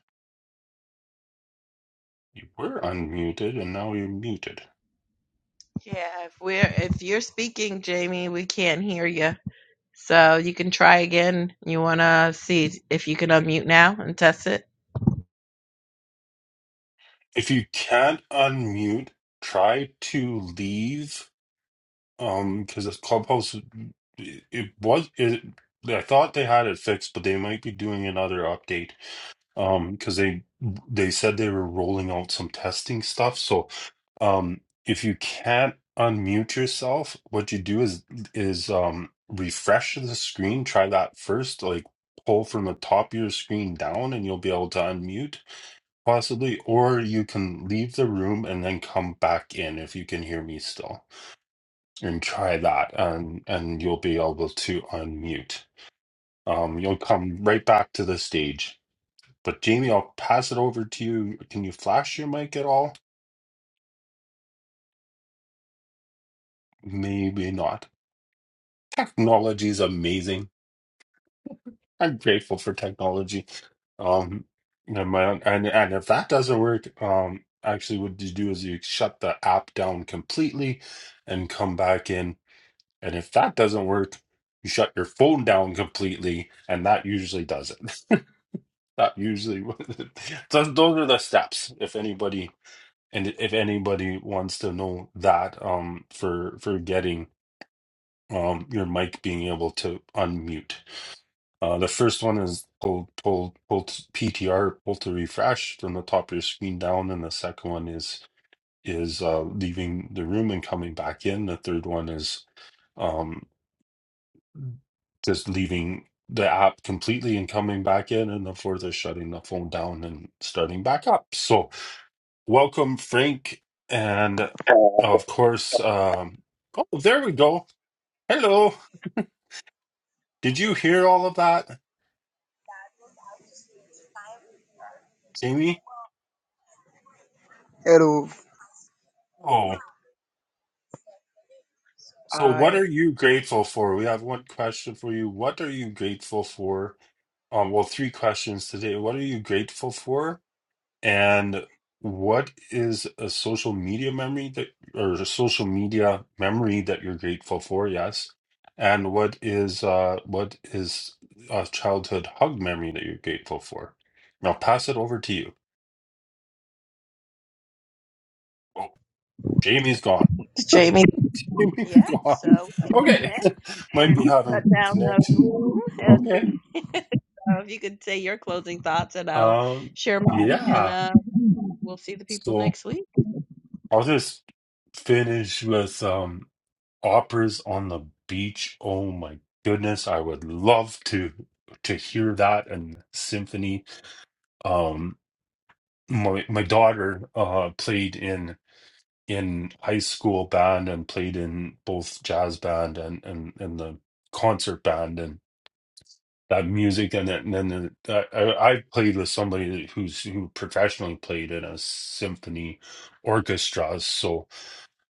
You were unmuted and now you're muted. Yeah, if we're if you're speaking, Jamie, we can't hear you. So you can try again. You want to see if you can unmute now and test it? If you can't unmute, try to leave. Um, because this clubhouse, it, it was it. I thought they had it fixed, but they might be doing another update. Um, because they they said they were rolling out some testing stuff. So, um, if you can't unmute yourself, what you do is is um refresh the screen. Try that first. Like pull from the top of your screen down, and you'll be able to unmute Possibly, or you can leave the room and then come back in if you can hear me still, and try that, and and you'll be able to unmute. Um, you'll come right back to the stage. But Jamie, I'll pass it over to you. Can you flash your mic at all? Maybe not. Technology is amazing. I'm grateful for technology. Um, and my and and if that doesn't work, um, actually, what you do is you shut the app down completely, and come back in And if that doesn't work, you shut your phone down completely, and that usually does it. that usually those those are the steps. If anybody and if anybody wants to know that, um, for for getting um your mic being able to unmute. Uh, the first one is pull pull pull to PTR pull to refresh from the top of your screen down, and the second one is is uh, leaving the room and coming back in. The third one is um just leaving the app completely and coming back in and then further shutting the phone down and starting back up. So welcome Frank and And of course um oh there we go. Hello. Did you hear all of that, Jamie? Hello. Oh. So what are you grateful for? We have one question for you. What are you grateful for? Um well three questions today. What are you grateful for? And what is a social media memory that, or a social media memory that you're grateful for? Yes. And what is uh what is a childhood hug memory that you're grateful for? Now pass it over to you. Oh, Jamie's gone. Jamie. Jamie's Yeah. So gone. go Okay. ahead Might and be having shut down the connection. room. at Okay. So if you could say your closing thoughts and I'll Um, share mine and yeah. uh, we'll see the people So next week. I'll just finish with um operas on the beach. Oh my goodness, I would love to to hear that and symphony. Um, my my daughter uh played in in high school band and played in both jazz band and and and the concert band and that music and then and then the, I I played with somebody who's who professionally played in a symphony orchestra. So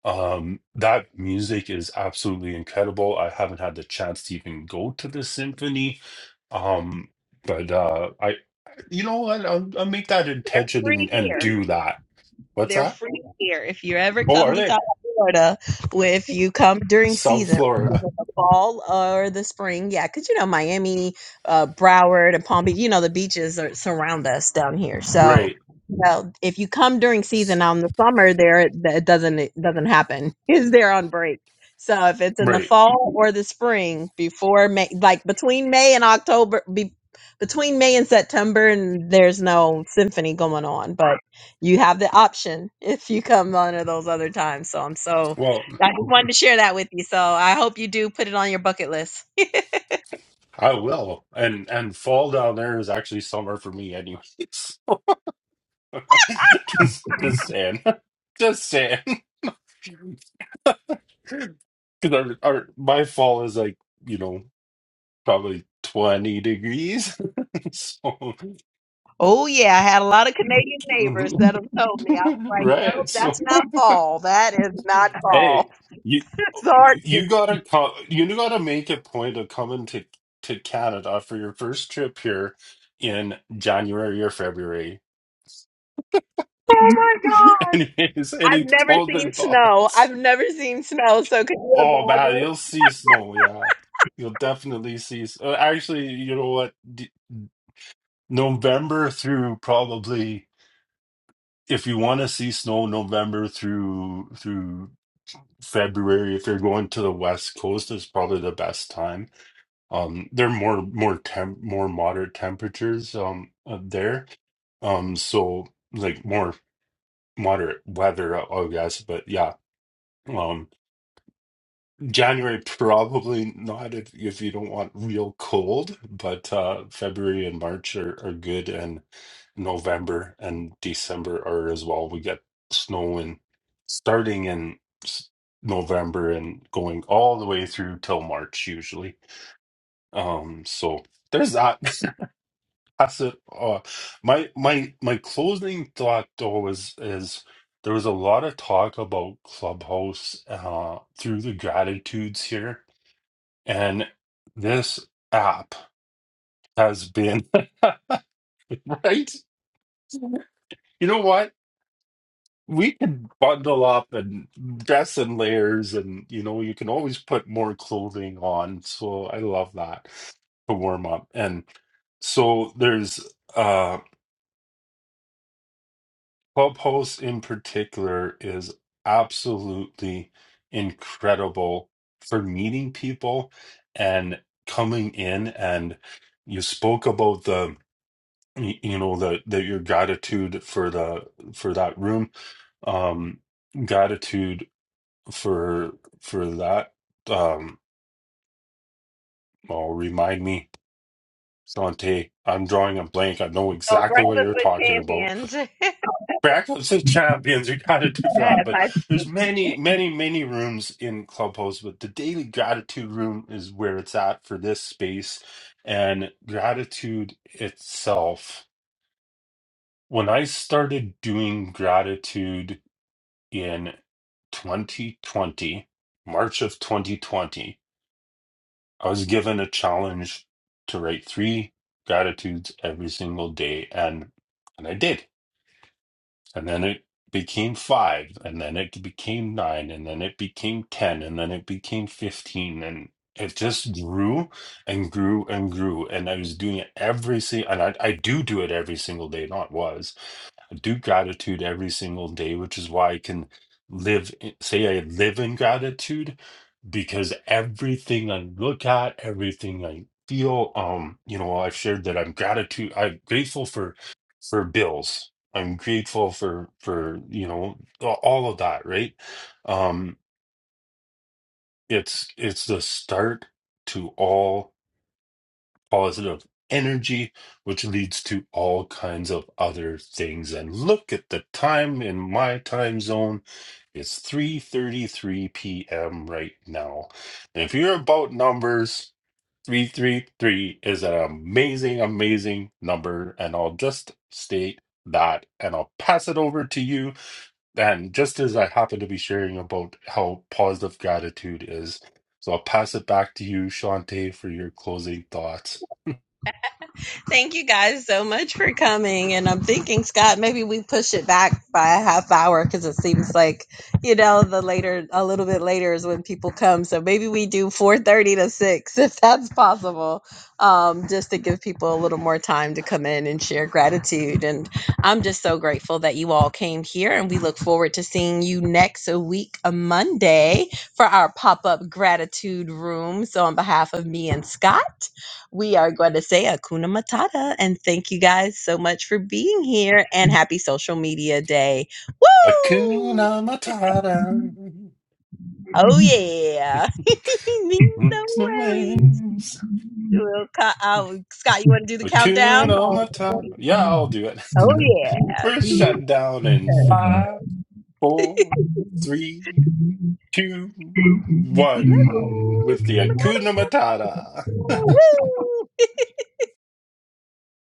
Um, that music is absolutely incredible. I haven't had the chance to even go to the symphony. Um, but uh I you know what? I'll, I'll make that intention Free and, and beer. do that. What's They're that? free here. If you ever Oh, come are to they? South Florida, well, if you come during South season, which is Florida. in the fall or the spring, yeah, because you know Miami, uh, Broward, and Palm Beach, you know the beaches are, surround us down here. So, Right, you know, if you come during season now in the summer, there it it doesn't it doesn't happen. Is there on break? So if it's in the right. fall or the spring, before May, like between May and October, be, between May and September, and there's no symphony going on, but you have the option if you come under those other times. So I'm so Well, I just wanted to share that with you. So I hope you do put it on your bucket list. I will. And and fall down there is actually summer for me anyways. Just just saying. Just saying. Because our, our my fall is like, you know. probably 20 degrees. so, Oh yeah, I had a lot of Canadian neighbors that have told me. I was like, right? nope, that's So, not fall. That is not hey, fall. you It's hard. you gotta come, you gotta make a point of coming to to Canada for your first trip here in January or February. Oh my god. Anyways, I've any never golden seen snow. thoughts? I've never seen snow. So could Oh man, you imagine? you'll see snow. Yeah, you'll definitely see. s- uh, Actually, you know what? D November through probably. if you want to see snow November through through February, if you're going to the West Coast, is probably the best time. Um, they're more more temp more moderate temperatures um up there. Um, so like more moderate weather, I I guess. But yeah, um, January probably not if if you don't want real cold, but uh February and March are, are good and November and December are as well. We get snow in starting in s- November and going all the way through till March usually. Um so there's that. That's it. Uh my my my closing thought though is is there was a lot of talk about Clubhouse uh through the gratitudes here and this app has been right. You know what? We can bundle up and dress in layers, and you know, you can always put more clothing on. So I love that to warm up. And so there's uh Clubhouse in particular is absolutely incredible for meeting people and coming in. And you spoke about the y- you know the that your gratitude for the for that room um gratitude for for that um oh remind me Sante, I'm drawing a blank. I know So exactly what breakfast you're talking about. with champions. Breakfast of Champions, your gratitude for that. But there's many, many, many rooms in Clubhouse, but the daily gratitude room is where it's at for this space. And gratitude itself. When I started doing gratitude in 2020, March of 2020, I was given a challenge to write three gratitudes every single day, and and I did. And then it became five, and then it became nine, and then it became ten, and then it became fifteen, and it just grew and grew and grew. And I was doing it every single, and I, I do do it every single day, not was. I do gratitude every single day, which is why I can live, in- say, I live in gratitude because everything I look at, everything I feel, um, you know, I've shared that I'm gratitude, I'm grateful for for bills. I'm grateful for for you know a- all of that, right? Um, it's it's the start to all positive energy, which leads to all kinds of other things. And look at the time in my time zone. It's 3:33 p.m. right now. And if you're about numbers, 333 is an amazing, amazing number. And I'll just state that and I'll pass it over to you. And just as I happen to be sharing about how positive gratitude is, so I'll pass it back to you, Shante, for your closing thoughts. Thank you guys so much for coming. And I'm thinking, Scott, maybe we push it back by a half hour because it seems like, you know, the later, a little bit later is when people come. So maybe we do 4.30 to 6 if that's possible, um, just to give people a little more time to come in and share gratitude. And I'm just so grateful that you all came here. And we look forward to seeing you next week, a Monday, for our pop up gratitude room. So on behalf of me and Scott, we are going to say Akuna Matata and thank you guys so much for being here and happy social media day. Woo! Hakuna Matata. Oh yeah. It's don't the worry. waves. We'll co- uh, Scott, you want to do the countdown? Hakuna Oh Matata. Yeah, I'll do it. yeah. We're We shut down in five, four, three, two, love one you. with the Akuna Matata. Hakuna Matata. Woo!